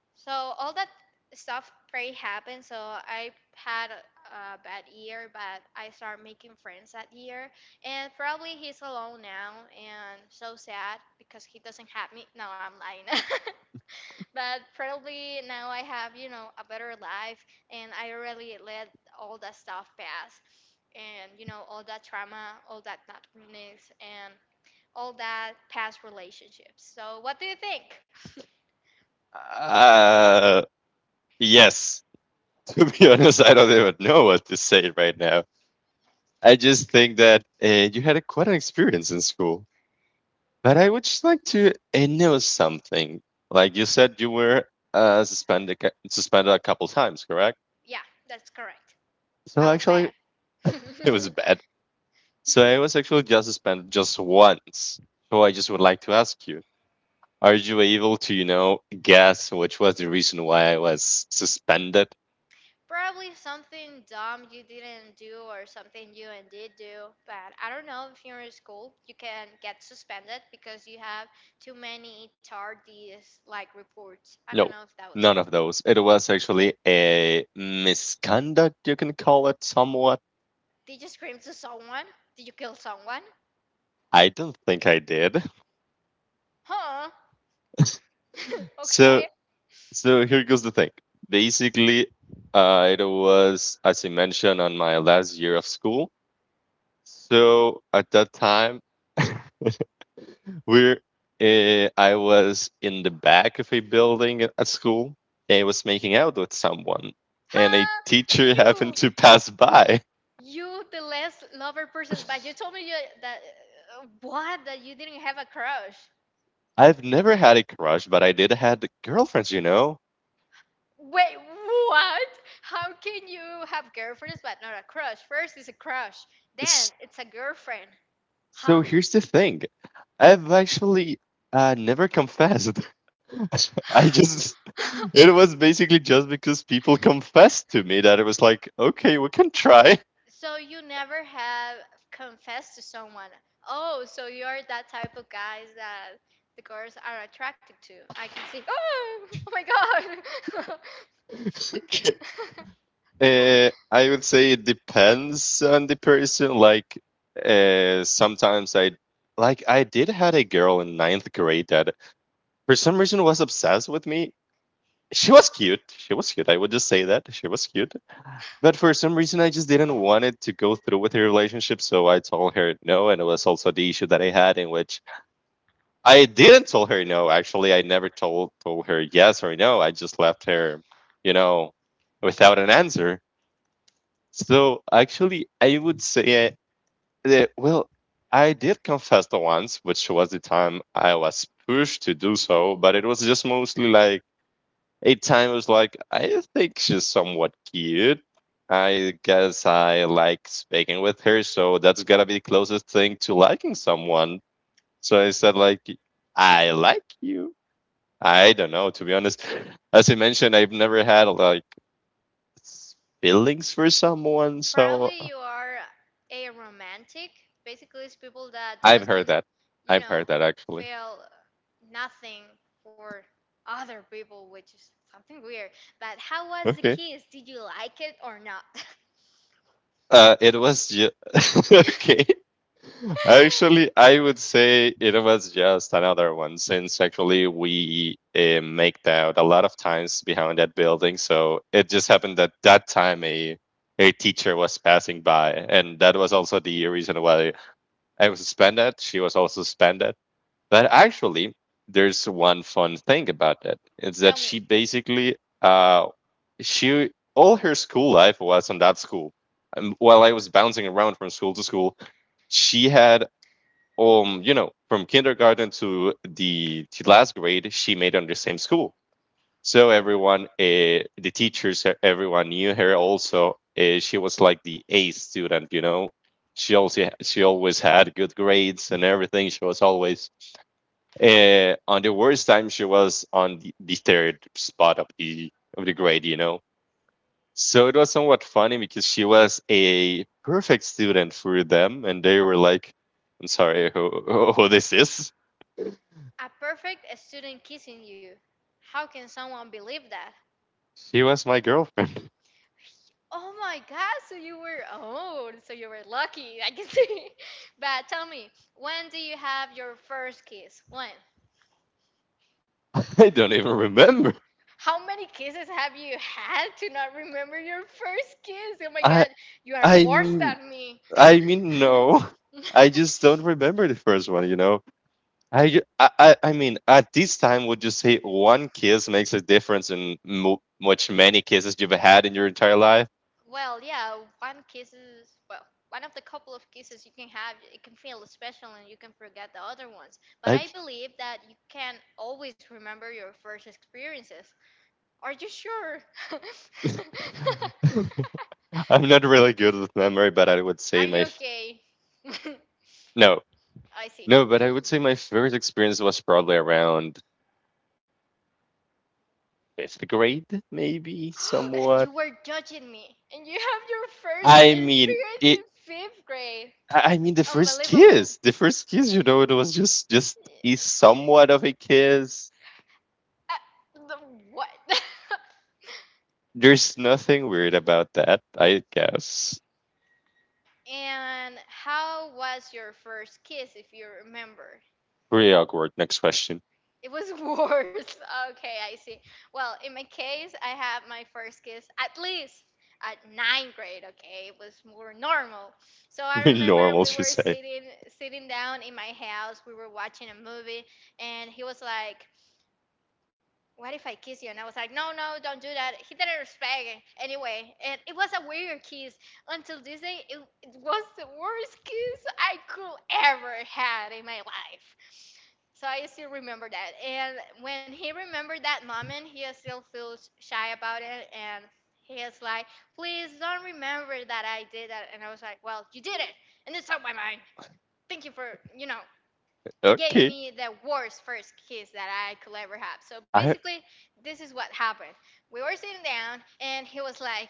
A: so all that stuff pretty happened. So I had a bad year, but I started making friends that year. And probably he's alone now and so sad because he doesn't have me. No, I'm lying. But probably now I have a better life and I really let all that stuff pass. And all that trauma, all that darkness, and all that past relationships. So what do you think?
B: Uh, yes. To be honest, I don't even know what to say right now. I just think that you had quite an experience in school, but I would just like to know something. Like you said, you were suspended a couple times, correct?
A: Yeah, that's correct.
B: So
A: I was
B: actually,
A: bad.
B: it was bad. So I was actually just suspended just once. So I just would like to ask you: are you able to guess which was the reason why I was suspended?
A: Probably something dumb you didn't do or something you and did do, but I don't know, if you're in school, you can get suspended because you have too many tardies like reports. I don't
B: No,
A: know if that was.
B: none of those. It was actually a misconduct, you can call it somewhat.
A: Did you scream to someone? Did you kill someone?
B: I don't think I did.
A: Huh? Okay.
B: So, so, here goes the thing. Basically, it was, as you mentioned, on my last year of school. So at that time, we're, I was in the back of a building at school. I was making out with someone, and a
A: Huh?
B: teacher happened
A: You.
B: to pass by.
A: You the less lover person, but you told me you, that what that you didn't have a crush.
B: I've never had a crush, but I did had girlfriends, you know?
A: Wait, what? How can you have girlfriends but not a crush? First is a crush,
B: S-
A: then it's a girlfriend,
B: So
A: huh?
B: here's the thing. I've actually never confessed. I just, it was basically just because people confessed to me that it was like, okay, we can try.
A: So you never have confessed to someone. Oh, so you're that type of guys that the girls are attracted to. I can see. Oh, oh my God.
B: Okay. I would say it depends on the person. Like, sometimes like, I did had a girl in ninth grade that for some reason was obsessed with me. She was cute. She was cute. I would just say that she was cute. But for some reason, I just didn't want it to go through with the relationship, so I told her no, and it was also the issue that I had in which I didn't tell her no. Actually, I never told her yes or no. I just left her, you know, without an answer. So actually, I would say that well, I did confess the once, which was the time I was pushed to do so, but it was just mostly like eight time was like, I think she's somewhat cute. I guess I like speaking with her, so that's gotta be the closest thing to liking someone. So I said, like, I like you. I don't know, to be honest. As I mentioned, I've never had like s- feelings for someone, so
A: Probably you are a romantic. Basically, it's people that
B: I've heard
A: doesn't,
B: that.
A: you
B: I've
A: know,
B: heard that actually.
A: feel nothing for other people, which is something weird. But how was the
B: Okay.
A: kiss? Did you like it or not?
B: It was. Okay. Actually, I would say it was just another one since actually we maked out a lot of times behind that building. So it just happened that that time a teacher was passing by, and that was also the reason why I was suspended. She was also suspended. But actually, there's one fun thing about that. It's
A: Tell
B: that
A: me,
B: uh, she all her school life was on that school. And while I was bouncing around from school to school, she had, from kindergarten to the last grade, she made on the same school. So everyone, the teachers, everyone knew her. Also, she was like the A student. She also she always had good grades and everything. She was always on the worst time, she was on the third spot of the grade. So it was somewhat funny because she was a perfect student for them, and they were like, "I'm sorry, who this is?"
A: a perfect student kissing you. How can someone believe that?
B: She was my girlfriend.
A: Oh my God! So you were lucky. I can see. But tell me, when do you have your first kiss? When?
B: I don't even remember.
A: How many kisses have you had to not remember your first kiss? Oh my
B: I
A: God! You are
B: I
A: worse
B: mean
A: than me.
B: I mean no. I just don't remember the first one. I, ju- I mean, at this time, would you say one kiss makes a difference in much many kisses you've had in your entire life?
A: Well, yeah, one kisses. Well, one of the couple of kisses you can have, it can feel special, and you can forget the other ones. But
B: I
A: I believe that you can always remember your first experiences. Are you sure?
B: I'm not really good with memory, but I would say
A: Are you okay?
B: no,
A: I see.
B: no, but I would say my first experience was probably around fifth grade, maybe
A: And
B: somewhat.
A: you were judging me. And you have your first
B: I mean
A: experience in
B: it.
A: fifth grade.
B: I mean the first
A: Unbelievable.
B: kiss, the first kiss. It was just is somewhat of a kiss.
A: Uh, the what?
B: There's nothing weird about that, I guess.
A: And how was your first kiss, if you remember?
B: Pretty awkward. Next question.
A: It was worse. Okay, I see. Well, in my case, I had my first kiss at least at ninth grade. Okay, it was more normal. So I remember
B: Normal,
A: we
B: she
A: were
B: said.
A: sitting down in my house. We were watching a movie, and he was like, what if I kiss you? And I was like, no, no, don't do that. He didn't respect it anyway. And it was a weird kiss. Until this day, it was the worst kiss I could ever had in my life. So I still remember that. And when he remembered that moment, he still feels shy about it. And he is like, please don't remember that I did that. And I was like, well, you did it. And it's on my mind. Thank you for, you know, gave
B: Okay.
A: me the worst first kiss that I could ever have. So
B: I
A: basically, this is what happened. We were sitting down, and he was like,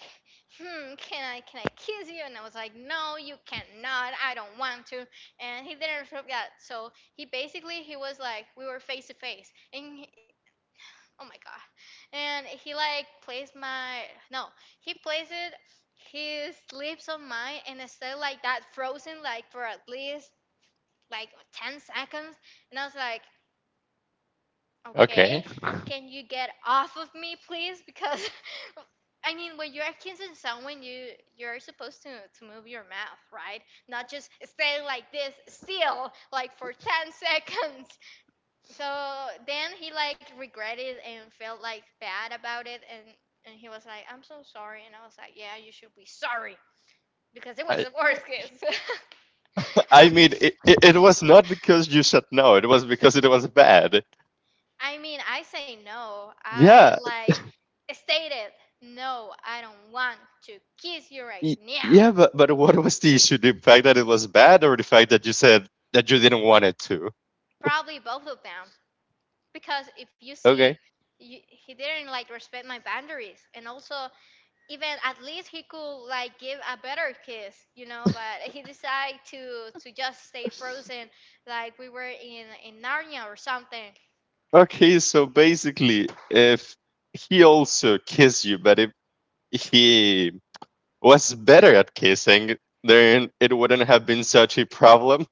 A: "Hmm, can I kiss you?" And I was like, "No, you cannot. I don't want to." And he didn't respect that. So he basically he was like, we were face to face, and he, oh my God, and he like placed my no, he placed it his lips on mine, and I stayed like that frozen like for at least like 10 seconds and I was like,
B: okay.
A: Okay, can you get off of me, please? Because I mean, when you're accusing someone, you're supposed to move your mouth, right? Not just stay like this, still like for 10 seconds. So then he like regretted and felt like bad about it, and he was like, "I'm so sorry," and I was like, "Yeah, you should be sorry because it was
B: I,
A: the worst kiss."
B: I mean, it was not because you said no. It was because it was bad.
A: I mean, I say no. I
B: Yeah,
A: like stated, no, I don't want to kiss you right
B: y-
A: now.
B: yeah, but what was the issue? The fact that it was bad, or the fact that you said that you didn't want it to?
A: Probably both of them. Because if you see,
B: Okay,
A: he didn't like respect my boundaries. And also, even at least he could like give a better kiss, but he decided to just stay frozen like we were in Narnia or something.
B: okay. So basically, if he also kissed you, but if he was better at kissing, then it wouldn't have been such a problem.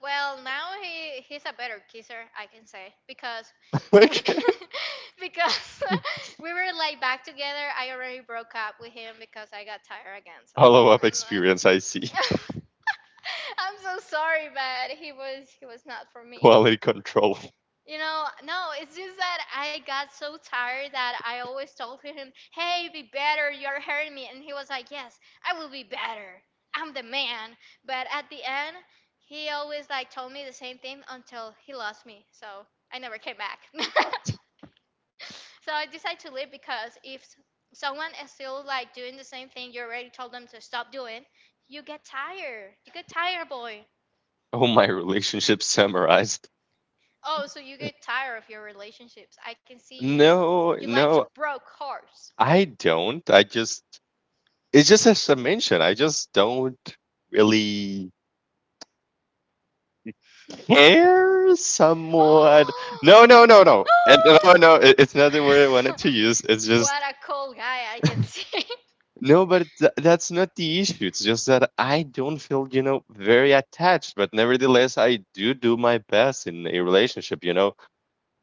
A: Well, now he's a better kisser, I can say, because
B: Okay,
A: because we were like back together. I already broke up with him because I got tired again. So
B: follow
A: uh,
B: up experience. I see
A: I'm like, I'm so sorry, but he was not for me.
B: quality control.
A: No, it's just that I got so tired that I always told him, hey, be better, you're hurting me. And he was like, yes, I will be better. I'm the man. But at the end, he always like told me the same thing until he lost me. So I never came back. So I decided to leave because if someone is still like doing the same thing you already told them to stop doing, you get tired. You get tired, boy.
B: Oh, my relationship summarized.
A: Oh, so you get tired of your relationships. I can see you.
B: No,
A: You like
B: no,
A: to broke hearts.
B: I don't. It's just as I mentioned, I just don't really care somewhat. No,
A: Oh!
B: no, no, no. And no, no, no, it's not the word I wanted to use. It's
A: What
B: just,
A: a cool guy I can see.
B: no, but that's not the issue. It's just that I don't feel very attached, but nevertheless, I do do my best in a relationship.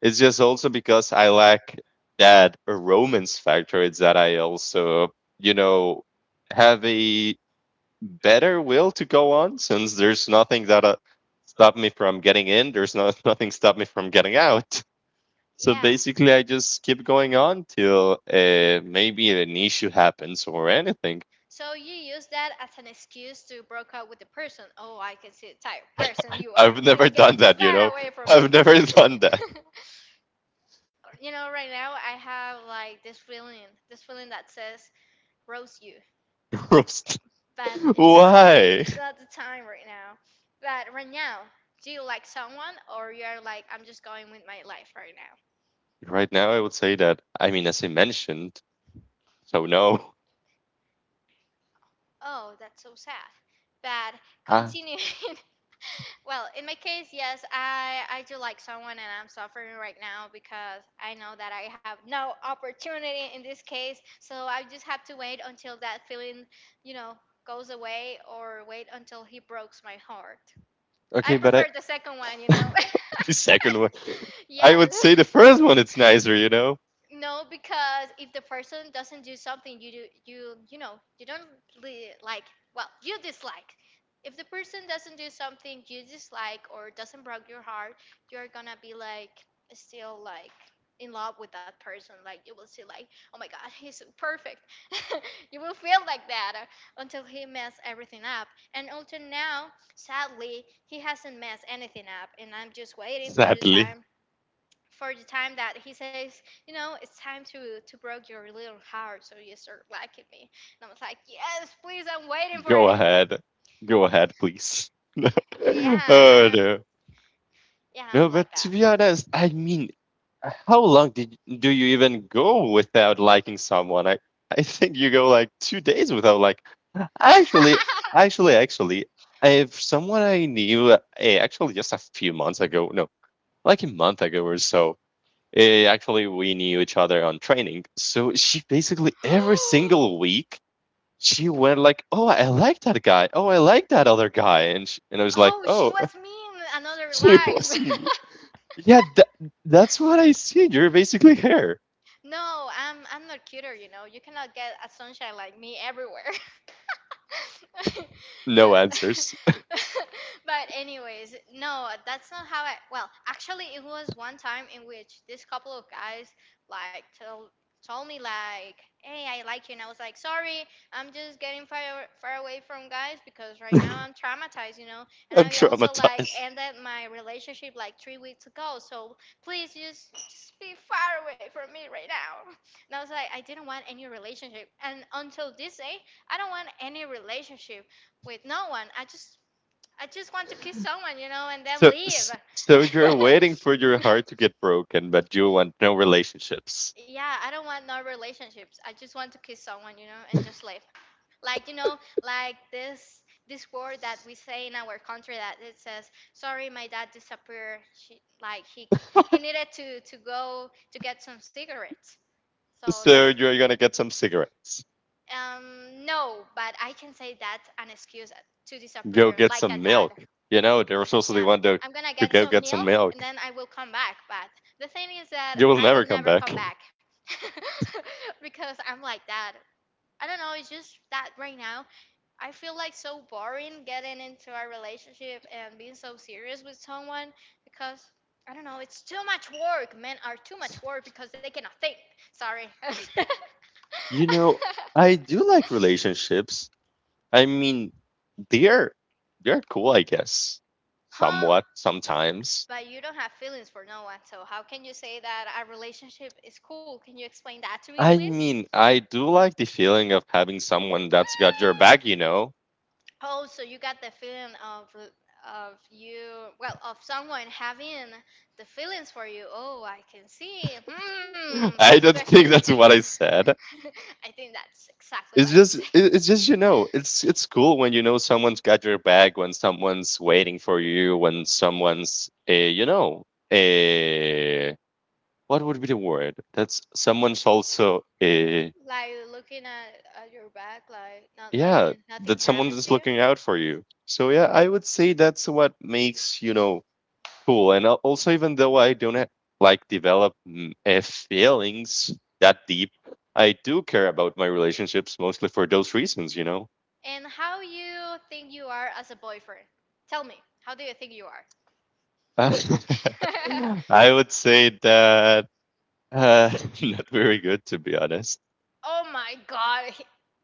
B: It's just also because I lack that romance factor. It's that I also, you know, have a better will to go on since there's nothing that stopped me from getting in. There's no, nothing stopped me from getting out. So
A: Yeah.
B: basically, I just keep going on till maybe an issue happens or anything.
A: So you use that as an excuse to break up with the person. Oh, I can see the type of person you are.
B: I've never
A: Please get
B: done that, you
A: fat
B: know.
A: away from me.
B: I've never done that.
A: Right now I have like this feeling that says roast you.
B: Roast.
A: But it's not
B: Why?
A: it's not the time right now. But right now, do you like someone or you're like I'm just going with my life right now?
B: Right now, I would say that. I mean, as I mentioned, so no.
A: Oh, that's so sad. But
B: Ah,
A: continuing, well, in my case, yes, I do like someone and I'm suffering right now because I know that I have no opportunity in this case. So I just have to wait until that feeling, you know, goes away or wait until he breaks my heart. I
B: okay, but I
A: prefer the second one.
B: the second one. I
A: Yes.
B: would say the first one it's nicer, you know?
A: No, because if the person doesn't do something you do, you, you don't like, well, you dislike. If the person doesn't do something you dislike or doesn't break your heart, you're gonna be like still like in love with that person. Like you will see like, oh my God, he's so perfect. You will feel like that until he mess everything up. And until now, sadly, he hasn't messed anything up, and I'm just waiting for the
B: Sadly.
A: time for the time that he says, it's time to break your little heart so you start liking me. And I was like, yes, please, I'm waiting for
B: Go
A: it.
B: ahead. Go ahead, please. No.
A: Yeah,
B: Oh,
A: um,
B: no.
A: yeah,
B: No,
A: I'm like
B: but to be
A: that.
B: honest, I mean how long did do you even go without liking someone? I think you go like 2 days without like actually actually if someone I knew actually just a few months ago, no, like a month ago or so. Actually, we knew each other on training. So she basically every single week she went like, "Oh, I like that guy. Oh, I like that other guy," and and I was like,
A: Oh, she
B: "Oh,
A: was me in another
B: she was
A: life.
B: me. Yeah, that's what I see. You're basically her."
A: No, I'm not cuter, you know. You cannot get a sunshine like me everywhere.
B: No
A: But
B: answers.
A: but anyways, no, that's not how I. Well, actually, it was one time in which this couple of guys like told me like, "Hey, I like you," and I was like, "Sorry, I'm just getting far far away from guys because right now
B: I'm
A: I'm traumatized." And I also like
B: traumatized.
A: ended my relationship like 3 weeks ago, so please just be far away from me right now. And I was like, I didn't want any relationship, and until this day, I don't want any relationship with no one. I just want to kiss someone and then
B: So
A: leave.
B: so you're waiting for your heart to get broken, but you want no relationships.
A: Yeah, I don't want no relationships. I just want to kiss someone and just leave. Like, like this word that we say in our country that it says, "Sorry, my dad disappeared. She like he needed to go to get some cigarettes." So that's
B: So you're gonna get some cigarettes.
A: no, but I can say that's an excuse to
B: Go
A: disappear
B: get
A: like a
B: some milk.
A: dad.
B: You know, there was also the
A: Yeah.
B: one to
A: I'm gonna
B: to
A: get
B: go
A: some
B: get some
A: milk and
B: milk.
A: then I will come back. But the thing is that
B: You will
A: I
B: never
A: will
B: come
A: never
B: back.
A: come back because I'm like that. I don't know, it's just that right now I feel like so boring getting into a relationship and being so serious with someone because I don't know, it's too much work. Men are too much work because they cannot think. Sorry.
B: You know, I do like relationships. I mean, they're they're cool, I guess.
A: Huh?
B: Somewhat, sometimes.
A: But you don't have feelings for no one, so how can you say that a relationship is cool? Can you explain that to me,
B: I
A: please?
B: mean, I do like the feeling of having someone that's got your back, you know.
A: Oh, so you got the feeling of you, well, of someone having the feelings for you. Oh, I can see. Hmm,
B: I don't
A: suspicious.
B: think that's what I said.
A: I think that's exactly
B: It's
A: what you
B: just
A: said.
B: it- it's just it's cool when you know someone's got your back, when someone's waiting for you, when someone's a what would be the word? That's someone's also a,
A: Like looking at your back, like not
B: yeah,
A: letting nothing
B: that someone
A: happen to
B: is
A: you.
B: looking out for you. So yeah, I would say that's what makes cool. And also, even though I don't like develop feelings that deep, I do care about my relationships mostly for those reasons.
A: And how you think you are as a boyfriend? Tell me, how do you think you are?
B: Uh, I would say that uh, not very good to be honest.
A: Oh my God. He-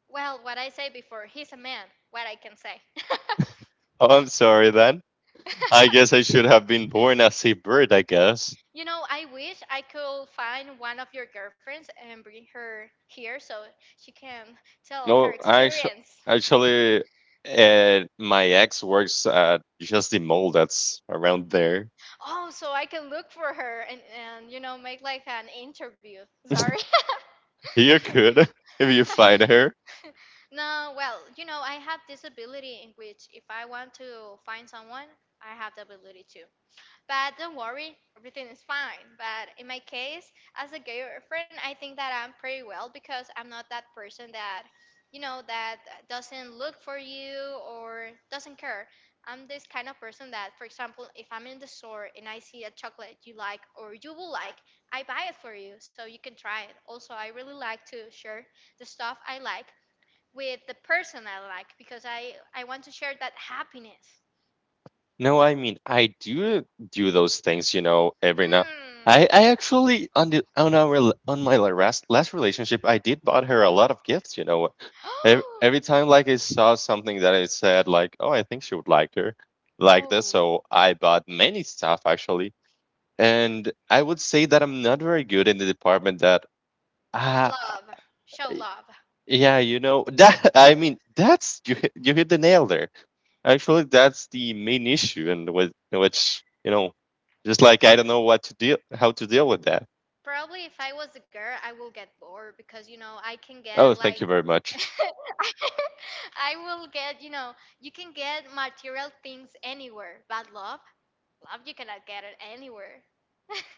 A: well, what I say before, he's a man. What I can say.
B: Oh, I'm sorry then. I guess I should have been born as a bird, I guess.
A: I wish I could find one of your girlfriends and bring her here so she can tell her
B: No, actu
A: experience.
B: actually, uh, my ex works at just the mall that's around there.
A: Oh, so I can look for her and make like an interview. Sorry.
B: You could if you find her.
A: No, well, I have this ability in which if I want to find someone, I have the ability to. But don't worry, everything is fine. But in my case, as a gay friend, I think that I'm pretty well because I'm not that person that, that doesn't look for you or doesn't care. I'm this kind of person that, for example, if I'm in the store and I see a chocolate you like or you will like, I buy it for you so you can try it. Also, I really like to share the stuff I like with the person I like because I want to share that happiness.
B: No, I mean I do do those things, you know, every now.
A: Hmm.
B: I actually on the on our l- on my last relationship, I did bought her a lot of gifts. Every time like I saw something that I said like, oh, I think she would like her, like this.
A: Oh.
B: So I bought many stuff actually. And I would say that I'm not very good in the department that ah
A: Love. Show love.
B: yeah, that I mean, you hit the nail there. Actually, that's the main issue and with which, just like I don't know what to deal how to deal with that.
A: Probably if I was a girl, I will get bored because, I can get
B: Oh,
A: like.
B: thank you very much.
A: I will get, you can get material things anywhere, but love, love, you cannot get it anywhere.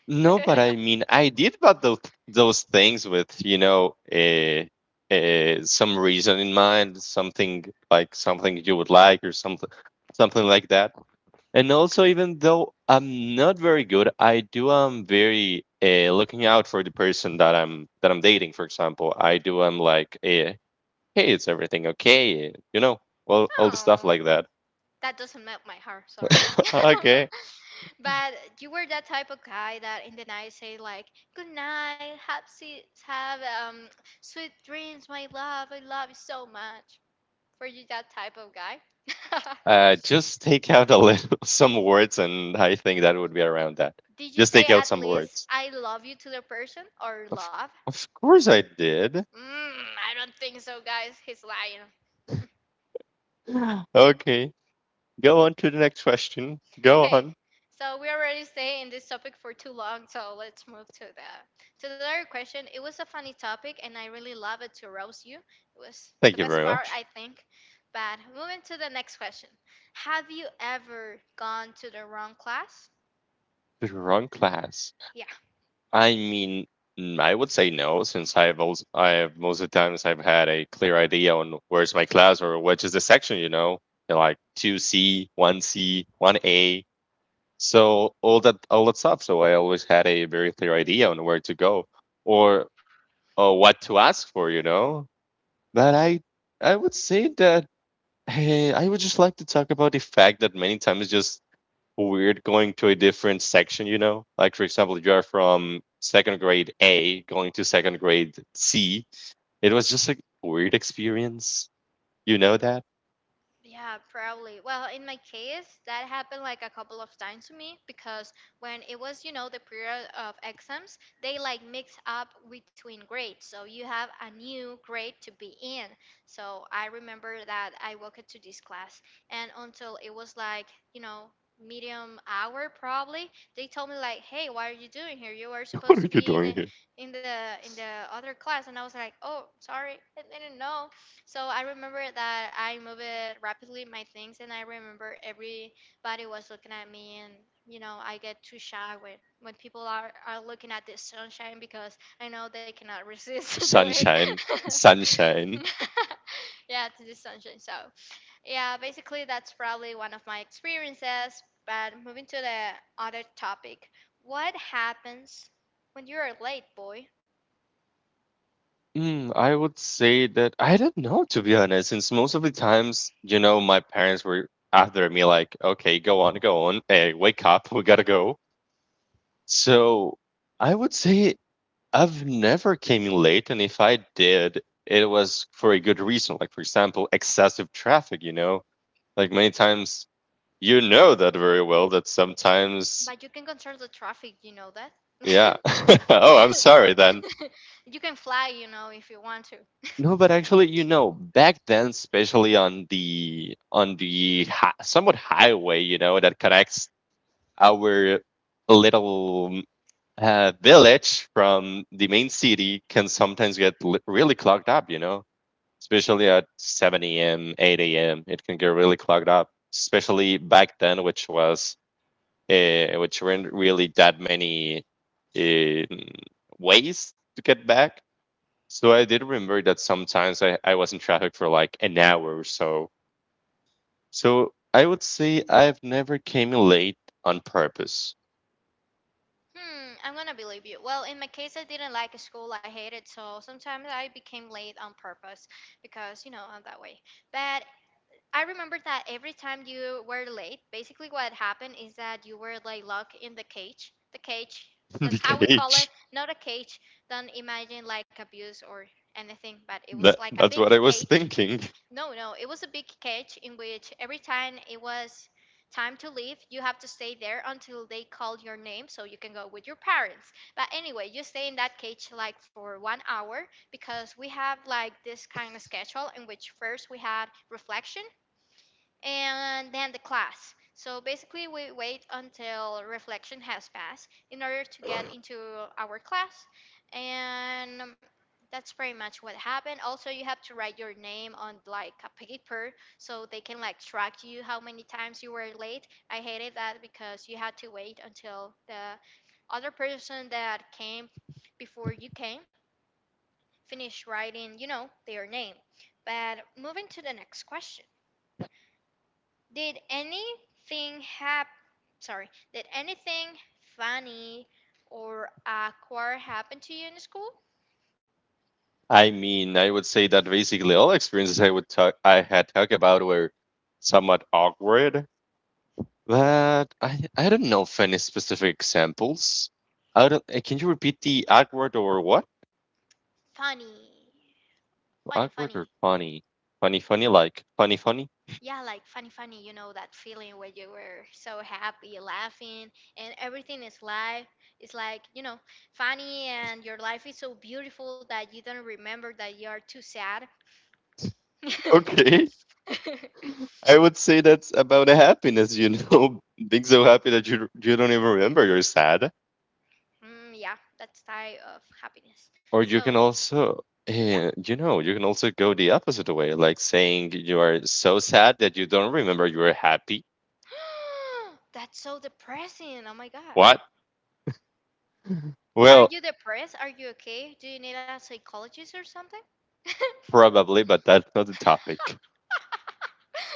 B: No, but I mean, I did about those things with, some reason in mind, something like something you would like or something like that. And also, even though I'm not very good, I do am very looking out for the person that I'm dating. For example, I do am like, hey, is everything okay? You know, well, all the stuff
A: Oh,
B: like that.
A: that doesn't melt my heart. Sorry.
B: Okay,
A: But you were that type of guy that in the night say like, "Good night, have sweet dreams, my love. I love you so much." Were you that type of guy?
B: just take out a little some words, and I think that would be around that.
A: Did you
B: Just
A: say
B: take out
A: at
B: some
A: least
B: words.
A: I love you to the person or
B: Of
A: love?
B: of course, I did.
A: Mm, I don't think so, guys. He's lying.
B: Okay, go on to the next question. Go
A: Okay,
B: on.
A: so we already stay in this topic for too long, so let's move to the other question. It was a funny topic, and I really love it to roast you. It was the
B: Thank you
A: best
B: very
A: part,
B: much.
A: I think. But moving to the next question, have you ever gone to the wrong class?
B: The wrong class.
A: Yeah.
B: I mean, I would say no, since I have most of the times I've had a clear idea on where's my class or which is the section. They're like 2C, 1C, 1A. So all that stuff. So I always had a very clear idea on where to go or what to ask for. But I would say that I would just like to talk about the fact that many times just weird going to a different section, you know? Like, for example, if you are from second grade A going to second grade C. It was just a weird experience. You know that?
A: Yeah, probably. Well, in my case, that happened like a couple of times to me because when it was, the period of exams, they like mix up between grades. So you have a new grade to be in. So I remember that I walked to this class and until it was like, you know, medium hour probably, they told me like, "Hey, why are you doing here? You were
B: What
A: supposed
B: are
A: to
B: you
A: be
B: doing here?
A: in the in the other class." And I was like, "Oh, sorry. I didn't know." So I remember that I moved rapidly my things, and I remember everybody was looking at me, and you know I get too shy when people are looking at the sunshine because I know they cannot resist to it.
B: Sunshine. Sunshine.
A: Yeah, to the sunshine. So yeah, basically that's probably one of my experiences. But moving to the other topic, what happens when you are late, boy?
B: I would say that I don't know, to be honest, since most of the times, my parents were after me, like, okay, go on, go on. Hey, wake up. We gotta go. So I would say I've never came in late, and if I did, it was for a good reason. Like for example, excessive traffic. You know, like many times you know that very well. That sometimes,
A: But you can control the traffic, you know that?
B: yeah. Oh, I'm sorry then.
A: You can fly, if you want to.
B: No, but actually, back then, especially somewhat highway, that connects our little village from the main city, can sometimes get really clogged up. You know. Especially at 7 a.m., 8 a.m. It can get really clogged up, especially back then, which weren't really that many uh, ways to get back. So I did remember that sometimes I was in traffic for like an hour or so. So I would say I've never came late on purpose.
A: Hmm, I'm gonna believe you. Well, in my case, I didn't like school. I hated, so sometimes I became late on purpose because, I'm that way. But I remember that every time you were late, basically what happened is that you were like locked in the cage. The cage,
B: The
A: that's how we call it.
B: cage.
A: Not a cage. Don't imagine like abuse or anything, but it was
B: That,
A: like a big
B: that's what I was
A: cage.
B: thinking.
A: No, no, it was a big cage in which every time it was time to leave, you have to stay there until they call your name so you can go with your parents. But anyway, you stay in that cage like for one hour because we have like this kind of schedule in which first we had reflection and then the class. So basically, we wait until reflection has passed in order to get into our class, and that's pretty much what happened. Also, you have to write your name on like a paper so they can like track you how many times you were late. I hated that because you had to wait until the other person that came before you came finished writing, their name. But moving to the next question. Did anything hap sorry, did anything funny or awkward happen to you in school?
B: I mean, I would say that basically all experiences I had talked about were somewhat awkward. But I don't know of any specific examples. I don't. Can you repeat the awkward or what?
A: Funny. Funny,
B: Awkward or
A: funny.
B: funny? Funny, funny, like funny, funny.
A: Yeah, like funny, funny, you know that feeling where you were so happy, laughing, and everything is life. It's like, funny, and your life is so beautiful that you don't remember that you are too sad.
B: Okay, I would say that's about a happiness. You know, being so happy that you don't even remember you're sad.
A: Mm, yeah, that's type of happiness.
B: Or you can
A: So,
B: also,
A: yeah.
B: eh, you know, you can also go the opposite way, like saying you are so sad that you don't remember you were happy.
A: That's so depressing. Oh my God.
B: What?
A: Are
B: Well,
A: you depressed? Are you okay? Do you need a psychologist or something?
B: probably, but that's not the topic.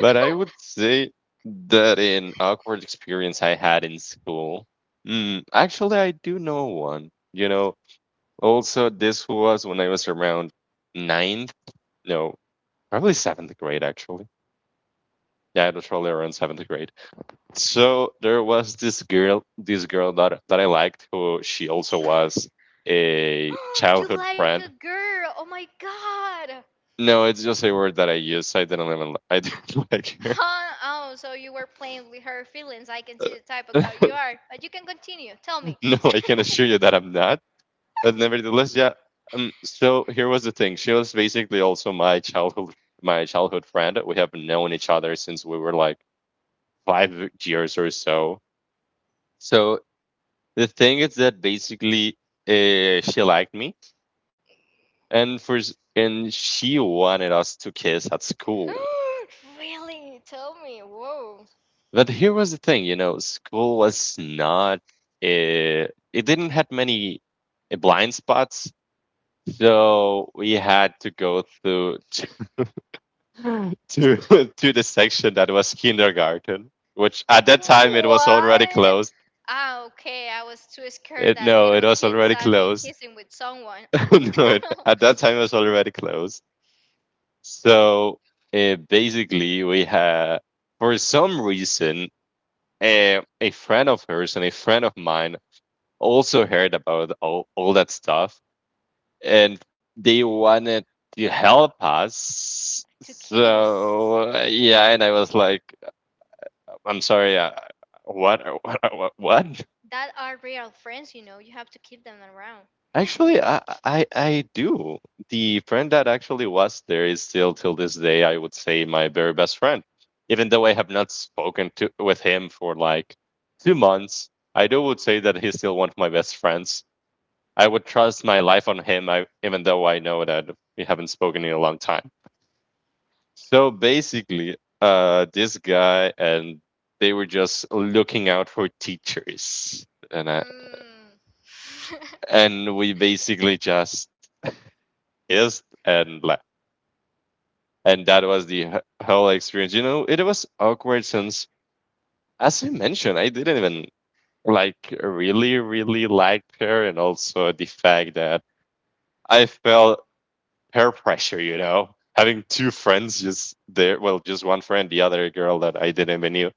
B: But I would say that in awkward experience I had in school, actually, I do know one. You know, also, this was when I was around ninth, no, probably seventh grade, actually. Yeah, it was probably around seventh grade. So there was this girl that I liked, who she also was a
A: You
B: childhood
A: like a
B: friend.
A: girl. Oh my God.
B: No, it's just a word that I use. I didn't like her.
A: Huh? Oh, so you were playing with her feelings. I can see the type of girl you are. But you can continue. Tell me.
B: No, I can assure you that I'm not. But nevertheless, yeah. So here was the thing. She was basically also my childhood friend. We have known each other since we were like 5 years or so. So the thing is that basically, she liked me and and she wanted us to kiss at school,
A: Really? Tell me. Whoa.
B: but here was the thing. School was not uh, it didn't have many blind spots, so we had to go to to to the section that was kindergarten, which at that time it was already
A: What?
B: closed
A: Ah, okay. I was too scared
B: it
A: that
B: no it
A: little
B: was
A: kids
B: already
A: saw you
B: closed
A: kissing with someone.
B: no it, at that time it was already closed. So basically we had for some reason a friend of hers and a friend of mine also heard about all that stuff and they wanted to help us.
A: To kiss.
B: So yeah, and I was like, I'm sorry, what, what, what?
A: That are real friends, you know. You have to keep them around.
B: Actually, I do. The friend that actually was there is still till this day, I would say, my very best friend. Even though I have not spoken to with him for like 2 months, I do would say that he's still one of my best friends. I would trust my life on him, even though I know that we haven't spoken in a long time. So basically, this guy and they were just looking out for teachers, and I,
A: Mm.
B: and we basically just is and left, and that was the whole experience. You know, it was awkward since, as I mentioned, I didn't even like really, really liked her, and also the fact that I felt peer pressure, having two friends just there. Well, just one friend, the other girl that I didn't even knew.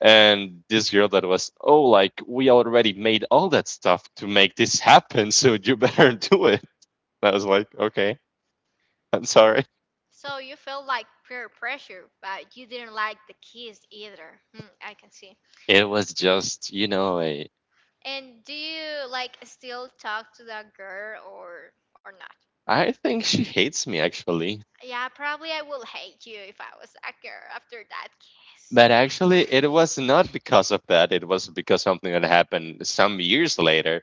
B: And this girl that was, oh, like, we already made all that stuff to make this happen. So you better do it. I was like, okay, I'm sorry.
A: So you felt like peer pressure, but you didn't like the kiss either. Hmm, I can see.
B: It was just,
A: And do you like still talk to that girl or not?
B: I think she hates me actually.
A: Yeah, probably I will hate you if I was that girl after that kiss.
B: But
A: Yeah.
B: actually, it was not because of that. It was because something that happened some years later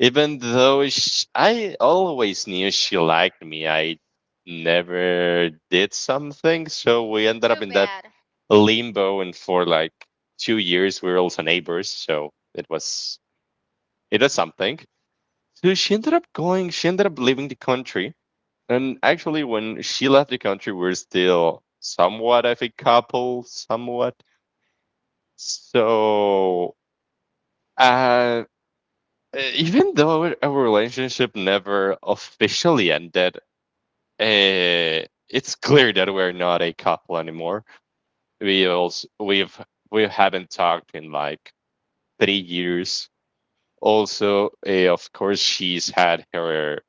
B: Even though sh I always knew she liked me, I never did something. So we ended
A: Too
B: up in that
A: bad.
B: limbo, and for like 2 years, we were also neighbors. So it was something. So she ended up going. She ended up leaving the country, and actually, when she left the country, we are still somewhat of a couple, somewhat. So uh, even though our relationship never officially ended, uh, it's clear that we're not a couple anymore. We also we've we haven't talked in like 3 years. Also, of course, she's had her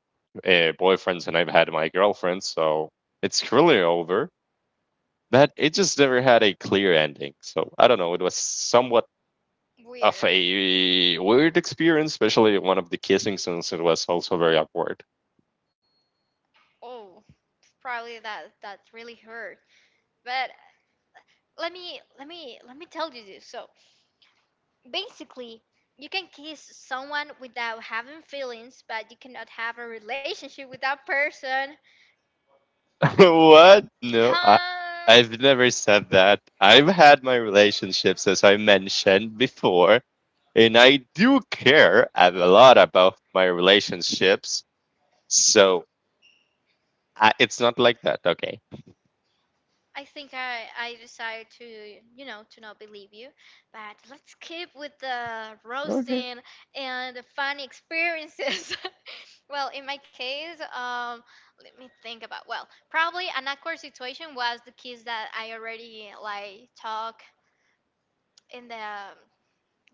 B: boyfriends, and I've had my girlfriend, so it's clearly over. But it just never had a clear ending. So I don't know. It was somewhat of
A: Weird.
B: a weird experience, especially one of the kissing scenes. It was also very awkward.
A: Oh, probably that really hurt. But let me tell you this. So basically, you can kiss someone without having feelings, but you cannot have a relationship with that person.
B: What? No, I,
A: Huh?
B: I've never said that. I've had my relationships, as I mentioned before, and I do care a lot about my relationships. So I, it's not like that, okay?
A: I think I decided to not believe you, but let's keep with the
B: Okay.
A: roasting and the funny experiences. Well, in my case, let me think about. Well, probably an awkward situation was the kids that I already like talk in the,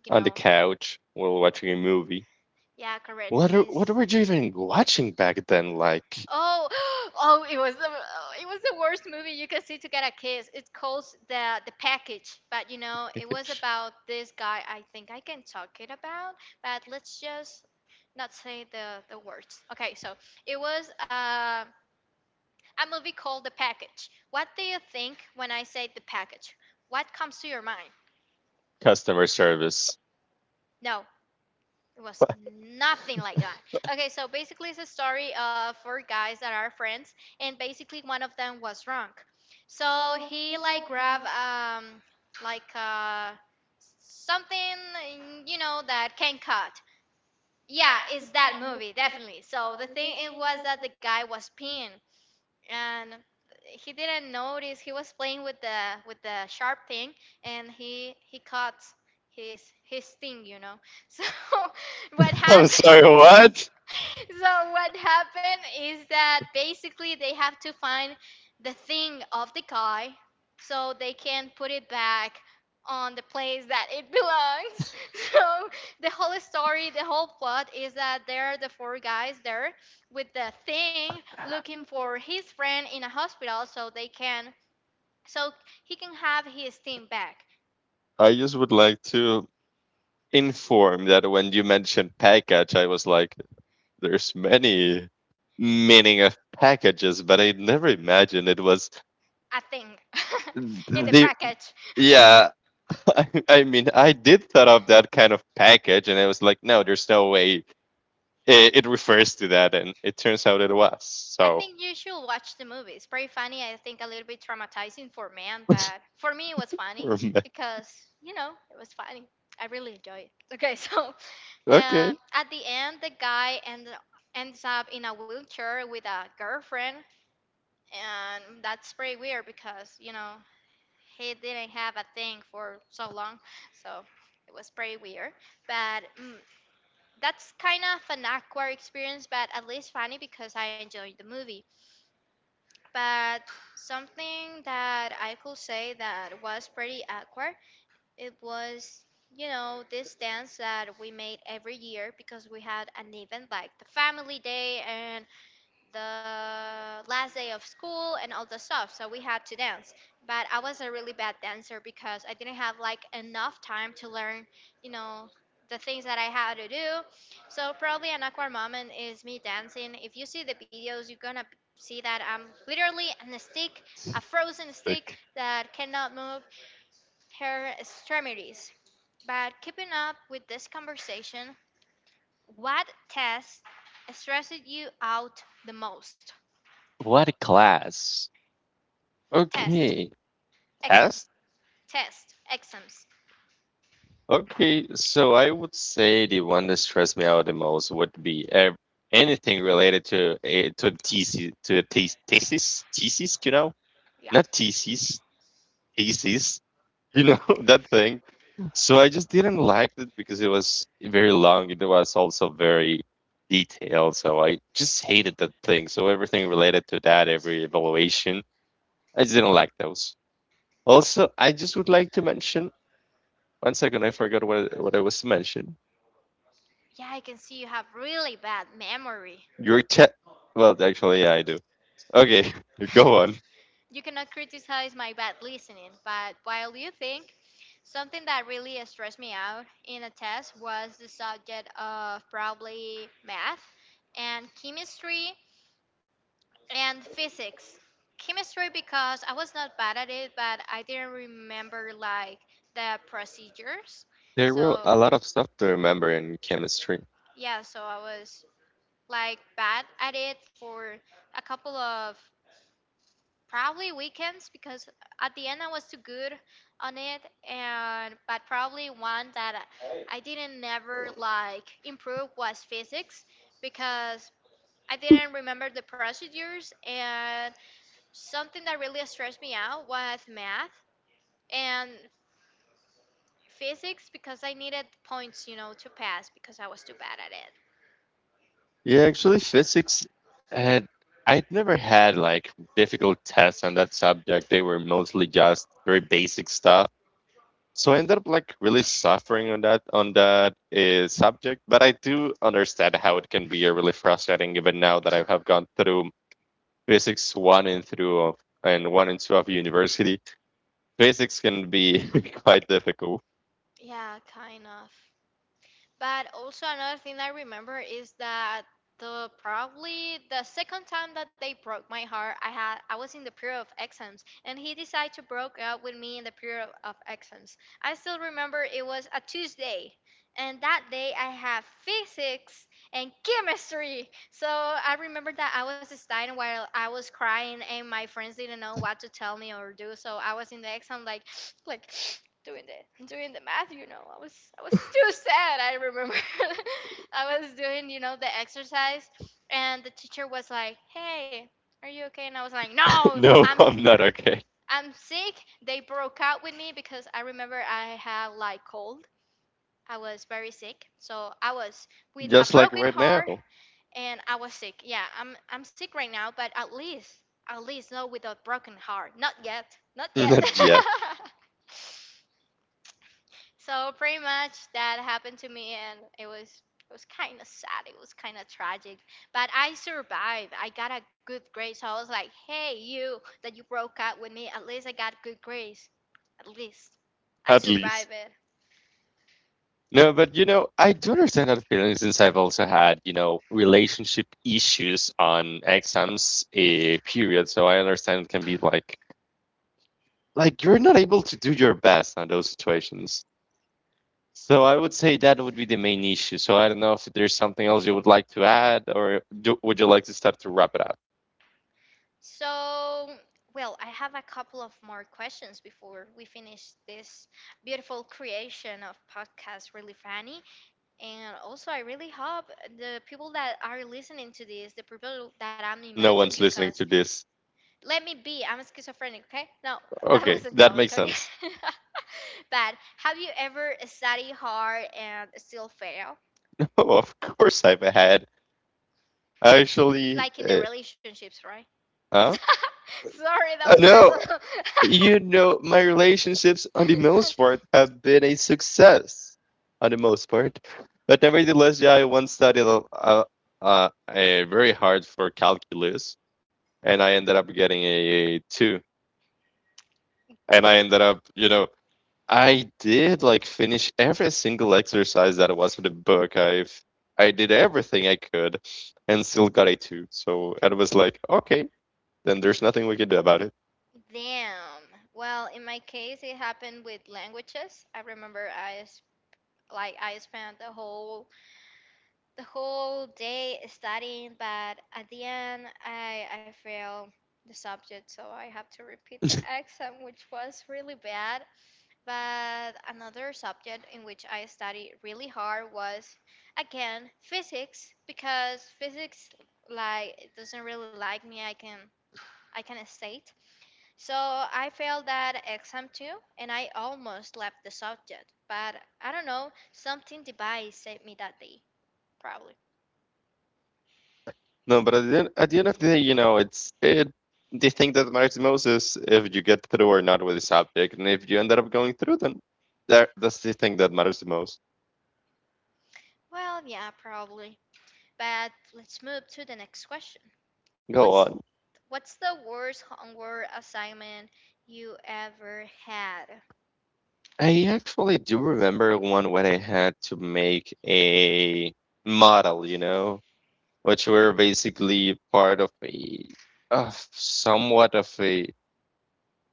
A: you
B: On the
A: know,
B: couch while watching a movie.
A: yeah, correct,
B: What are, what
A: please.
B: were you even watching back then? Like,
A: Oh, oh! It was the Oh, it was the worst movie you can see to get a kiss. It's called the package, but it
B: like,
A: was about this guy. I think I can talk it about, but let's just not say the words. Okay, so it was a movie called The Package. What do you think when I say The Package? What comes to your mind?
B: customer service.
A: No, it was nothing like that. Okay, so basically, it's a story of four guys that are friends, and basically, one of them was drunk. So he like grabbed like something that can cut. Yeah, it's that movie definitely. So the thing it was that the guy was peeing, and he didn't notice he was playing with the sharp thing, and he caught his thing, you know. So what
B: I'm
A: happened
B: sorry, what?
A: so what happened is that basically they have to find the thing of the guy so they can put it back on the place that it belongs. So the whole story, the whole plot is that there are the four guys there with the thing looking for his friend in a hospital so he can have his team back.
B: I just would like to inform that when you mentioned package, I was like, there's many meaning of packages, but I never imagined it was
A: I think in The
B: the
A: Package.
B: yeah. I mean, I did thought of that kind of package, and I was like, no, there's no way it refers to that, and it turns out it was.
A: I
B: So
A: think you should watch the movie. It's pretty funny. I think a little bit traumatizing for man, but for me it was funny because it was funny. I really enjoyed it. Okay, so
B: okay,
A: at the end, the guy ends up in a wheelchair with a girlfriend, and that's pretty weird because you know he didn't have a thing for so long, so it was pretty weird. But that's kind of an awkward experience, but at least funny because I enjoyed the movie. But something that I could say that was pretty awkward, it was you know this dance that we made every year because we had an event like the family day and the last day of school and all the stuff, so we had to dance, but I was a really bad dancer because I didn't have like enough time to learn you know the things that I had to do. So probably an awkward moment is me dancing. If you see the videos, you're gonna see that I'm literally on a stick, a frozen stick
B: like,
A: that cannot move her extremities. But keeping up with this conversation, what test stresses you out the most?
B: what class?
A: Test.
B: Okay.
A: Exam,
B: Test?
A: test, exams.
B: Okay. So I would say the one that stressed me out the most would be anything related to a to the thesis to a the thesis, you know?
A: Yeah.
B: Not thesis, thesis, you know, that thing. So I just didn't like it because it was very long. It was also very detailed. So I just hated that thing. So everything related to that, every evaluation, I just didn't like those. Also, I just would like to mention one second, I forgot what I was mentioning.
A: Yeah, I can see you have really bad memory.
B: Your chat. Well, actually, yeah, I do. Okay, go on.
A: You cannot criticize my bad listening, but while you think, something that really stressed me out in a test was the subject of probably math and chemistry and physics. Chemistry because I was not bad at it, but I didn't remember like the procedures.
B: There were a
A: So,
B: lot of stuff to remember in chemistry.
A: yeah, so I was like bad at it for a couple of probably weekends because at the end I was too good on it. And but probably one that I didn't never like improve was physics because I didn't remember the procedures. And something that really stressed me out was math and physics because I needed points, you know, to pass because I was too bad at it.
B: Yeah, actually, physics had I'd never had like difficult tests on that subject. They were mostly just very basic stuff. So I ended up like really suffering on that subject. But I do understand how it can be really frustrating, even now that I have gone through physics one and through of and one and two of university. Physics can be quite difficult.
A: Yeah, kind of. But also another thing I remember is that the probably the second time that they broke my heart, I was in the period of exams, and he decided to broke up with me in the period of exams. I still remember it was a Tuesday, and that day I had physics and chemistry. So I remember that I was studying while I was crying, and my friends didn't know what to tell me or do. So I was in the exam, like, like doing the math. You know, I was too sad. I remember I was doing you know the exercise, and the teacher was like, "Hey. Are you okay?" And I was like, no,
B: No,
A: I'm
B: I'm not okay.
A: I'm sick. They broke out with me because I remember I had like cold. I was very sick, so I was with a
B: Just like
A: broken
B: right now.
A: heart and I was sick. Yeah, I'm sick right now, but at least not with a broken heart. Not yet. Not yet.
B: Not yet,
A: So pretty much that happened to me and it was kind of sad. It was kind of tragic, but I survived. I got a good grade. So I was like, "Hey, you that you broke up with me, at least I got good grades. At least I
B: at least.
A: survived it."
B: No, but you know, I do understand that feeling since I've also had, you know, relationship issues on exams a period. So I understand it can be like you're not able to do your best on those situations. So I would say that would be the main issue. So I don't know if there's something else you would like to add or do, would you like to start to wrap it up?
A: So, well, I have a couple of more questions before we finish this beautiful creation of podcast really funny. And also, I really hope the people that are listening to this, the people that I'm
B: No
A: imagined,
B: one's listening
A: because
B: to this.
A: let me be, I'm schizophrenic, okay? No, that was
B: Okay,
A: a
B: that
A: joke,
B: makes
A: okay?
B: sense.
A: But have you ever studied hard and still fail?
B: Oh, of course I've had. Actually,
A: Like in the relationships, right?
B: huh?
A: Sorry, that was
B: No,
A: personal.
B: you know, my relationships on the most part have been a success on the most part. But nevertheless, yeah, I once studied a very hard for calculus, and I ended up getting two. And I ended up, you know, I did like finish every single exercise that was in the book. I did everything I could and still got a two. So it was like, okay, then there's nothing we can do about it.
A: Damn. Well, in my case, it happened with languages. I remember like I spent the whole day studying, but at the end, I failed the subject, so I have to repeat the exam, which was really bad. But another subject in which I studied really hard was again physics because physics like it doesn't really like me, I can state. So I failed that exam too and I almost left the subject. But I don't know, something divine saved me that day, probably.
B: No, but at the end of the day, you know, it. The thing that matters most is if you get through or not with this object, and if you ended up going through, then that's the thing that matters the most.
A: Well yeah, probably. But let's move to the next question.
B: Go
A: What's
B: on.
A: what's the worst homework assignment you ever had?
B: I actually do remember one when I had to make a model, you know, which were basically part of a of somewhat of a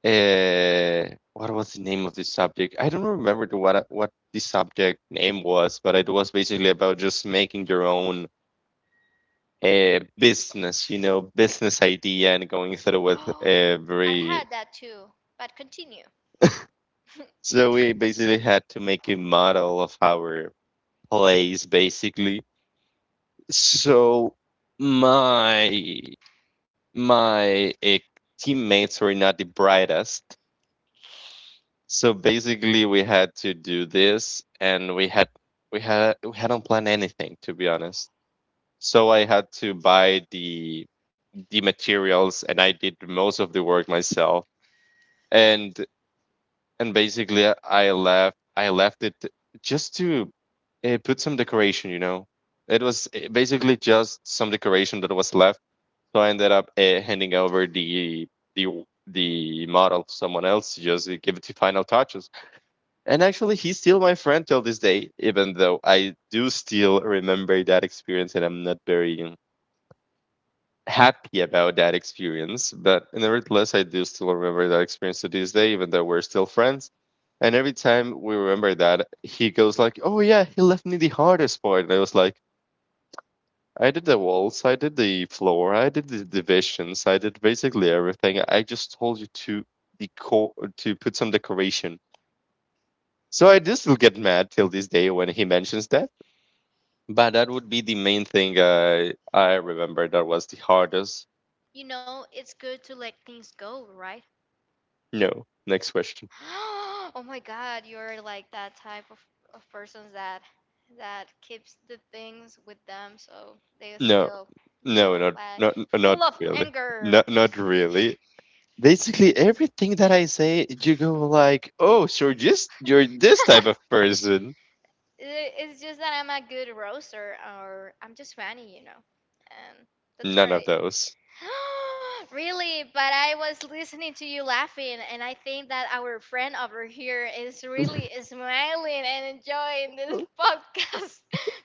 B: Uh, what was the name of the subject? I don't remember the, what the subject name was, but it was basically about just making your own business, you know, business idea and going through with
A: Oh, I
B: every.
A: had that too, but continue.
B: So we basically had to make a model of our place, basically. So my my uh, teammates were not the brightest. So basically, we had to do this, and we hadn't planned anything to be honest. So I had to buy the materials, and I did most of the work myself. And and basically, I left it just to put some decoration. You know, it was basically just some decoration that was left. So I ended up handing over the the model to someone else to just give it the final touches. And actually, he's still my friend till this day, even though I do still remember that experience, and I'm not very happy about that experience. But nevertheless, I do still remember that experience to this day, even though we're still friends. And every time we remember that, he goes like, "Oh yeah, he left me the hardest part." And I was like, "I did the walls, I did the floor, I did the divisions, I did basically everything. I just told you to decor to put some decoration." So I do still get mad till this day when he mentions that. But that would be the main thing I remember that was the hardest.
A: You know, it's good to let things go, right?
B: No. Next question.
A: Oh my God, you're like that type of persons that keeps the things with them, so they are
B: No.
A: still, you
B: No,
A: know,
B: not
A: like
B: not
A: full
B: not
A: of
B: really.
A: anger.
B: Not really. Basically everything that I say, you go
A: I-
B: like, oh, so just you're this type of person.
A: It's just that I'm a good roaster, or I'm just funny, you know, and that's
B: None of
A: right.
B: those.
A: Really, but I was listening to you laughing, and I think that our friend over here is really smiling and enjoying this podcast.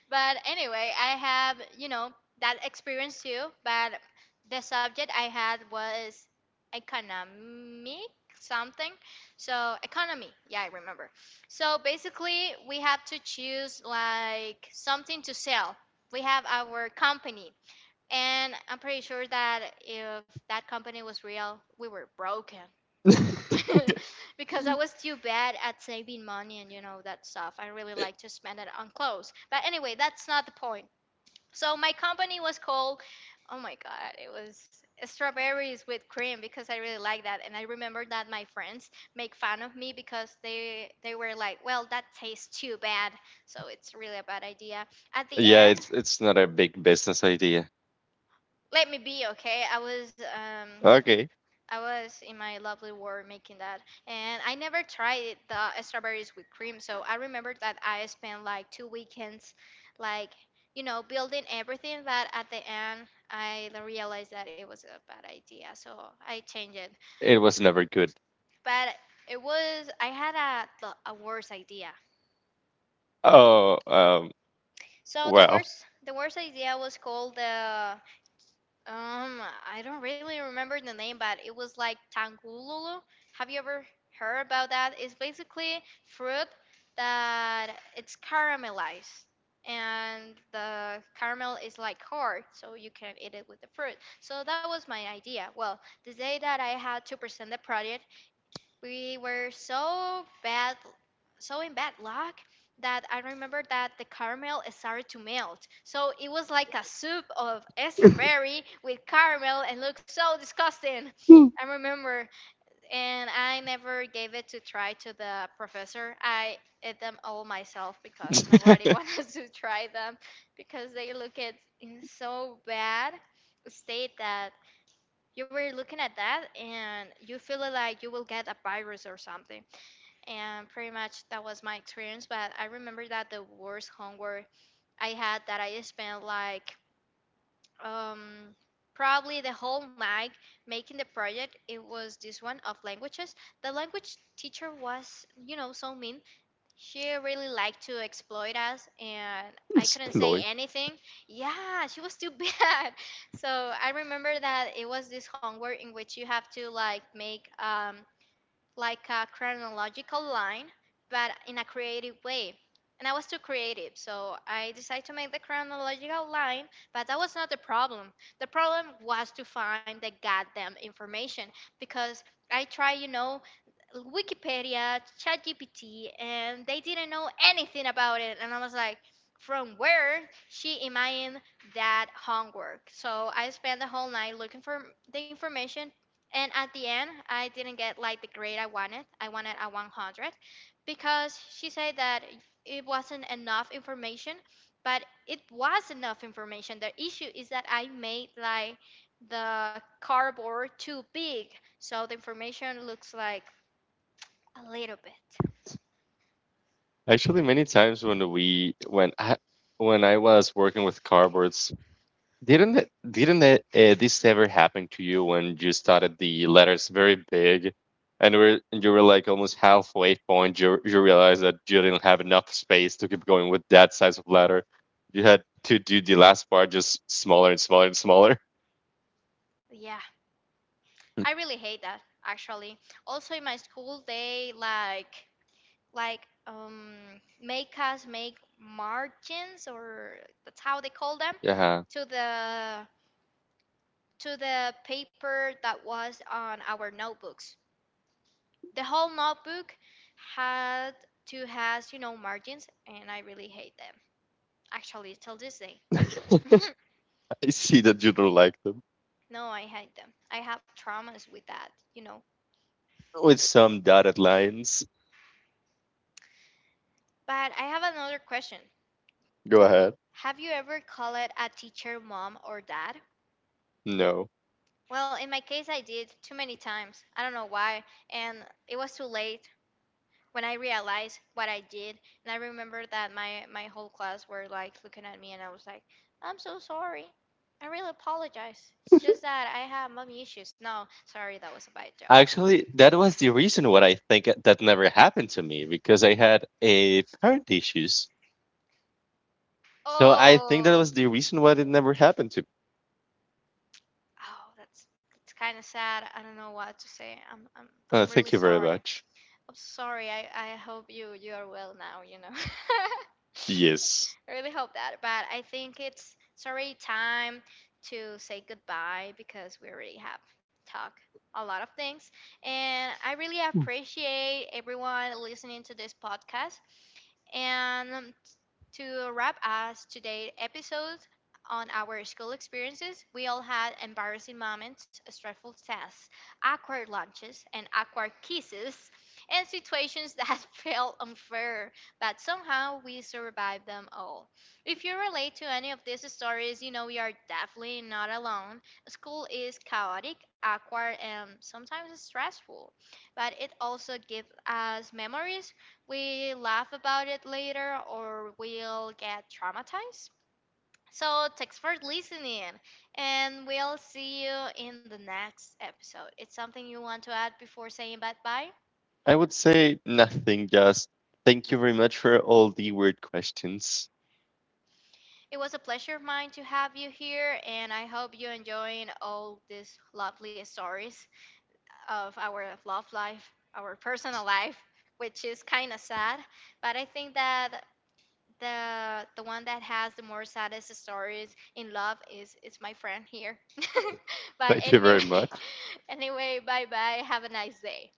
A: But anyway, I have, you know, that experience too, but the subject I had was economic something. So, economy. Yeah, I remember. So, basically, we have to choose like something to sell. We have our company and I'm pretty sure that if that company was real, we were broken. Because I was too bad at saving money and you know that stuff. I really like to spend it on clothes. But anyway, that's not the point. So my company was called oh my god, it was strawberries with cream because I really like that. And I remember that my friends make fun of me because they were like, well, that tastes too bad. So it's really a bad idea. At the
B: Yeah,
A: end,
B: it's not a big business idea.
A: let me be okay, I was
B: Okay.
A: I was in my lovely world making that, and I never tried the strawberries with cream. So I remember that I spent like two weekends, like you know, building everything. But at the end, I realized that it was a bad idea, so I changed it.
B: It was never good.
A: But it was I had a worse idea.
B: Oh,
A: So the
B: well.
A: worst the worst idea was called the Um, I don't really remember the name, but it was like tangululu. Have you ever heard about that? It's basically fruit that it's caramelized, and the caramel is like hard, so you can eat it with the fruit. So that was my idea. Well, the day that I had to present the project, we were so bad, so in bad luck, that I remember that the caramel started to melt. So it was like a soup of strawberry with caramel and looked so disgusting. I remember and I never gave it to try to the professor. I ate them all myself because nobody wanted to try them because they look it in so bad state that you were looking at that and you feel it like you will get a virus or something. And pretty much that was my experience. But I remember that the worst homework I had that I spent like um, probably the whole night making the project. It was this one of languages. The language teacher was, you know, so mean, she really liked to exploit us, and I couldn't say
B: Exploit.
A: anything. Yeah, she was too bad. So I remember that it was this homework in which you have to like make like a chronological line, but in a creative way. And I was too creative, so I decided to make the chronological line, but that was not the problem. The problem was to find the goddamn information because I tried, you know, Wikipedia, ChatGPT, and they didn't know anything about it. And I was like, from where she imagined that homework. So I spent the whole night looking for the information and at the end, I didn't get like the grade I wanted. I wanted a 100 because she said that it wasn't enough information, but it was enough information. The issue is that I made like the cardboard too big, so the information looks like a little bit.
B: Actually, many times when we when I was working with cardboards, didn't it, this ever happen to you when you started the letters very big, and were and you were like almost halfway point, you realized that you didn't have enough space to keep going with that size of letter. You had to do the last part just smaller and smaller and smaller.
A: Yeah, I really hate that actually. Also in my school, they like like um, make us make margins, or that's how they call them,
B: Yeah,
A: to the to the paper that was on our notebooks. The whole notebook had to has you know margins, and I really hate them actually till this day.
B: I see that you don't like them
A: No, I hate them. I have traumas with that, you know.
B: with some dotted lines.
A: But I have another question.
B: Go ahead.
A: Have you ever called a teacher mom or dad?
B: No.
A: Well, in my case, I did too many times. I don't know why. And it was too late when I realized what I did. And I remember that my whole class were like looking at me and I was like, I'm so sorry. I really apologize. It's just that I have mommy issues. No, sorry, that was a bad joke.
B: Actually, that was the reason what I think that never happened to me because I had a parent issues. So I think that
A: Oh,
B: was the reason why it never happened to.
A: Oh, that's it's kind of sad. I don't know what to say. I'm I'm I'm really
B: Thank you very
A: sorry.
B: much.
A: I'm sorry. I hope you you are well now, you know.
B: Yes,
A: I really hope that. But I think it's already time to say goodbye because we already have talked a lot of things. And I really appreciate everyone listening to this podcast. And to wrap us today's episode on our school experiences, we all had embarrassing moments, stressful tests, awkward lunches, and awkward kisses, and situations that felt unfair but somehow we survived them all. If you relate to any of these stories, you know you are definitely not alone. School is chaotic, awkward, and sometimes stressful, but it also gives us memories. We laugh about it later, or we'll get traumatized. So, thanks for listening, and we'll see you in the next episode. It's something you want to add before saying bye bye?
B: I would say nothing. Just thank you very much for all the weird questions.
A: It was a pleasure of mine to have you here, and I hope you're enjoying all these lovely stories of our love life, our personal life, which is kind of sad. But I think that the one that has the more saddest stories in love is my friend here. But
B: Thank you very
A: anyway,
B: much.
A: anyway, bye bye. Have a nice day.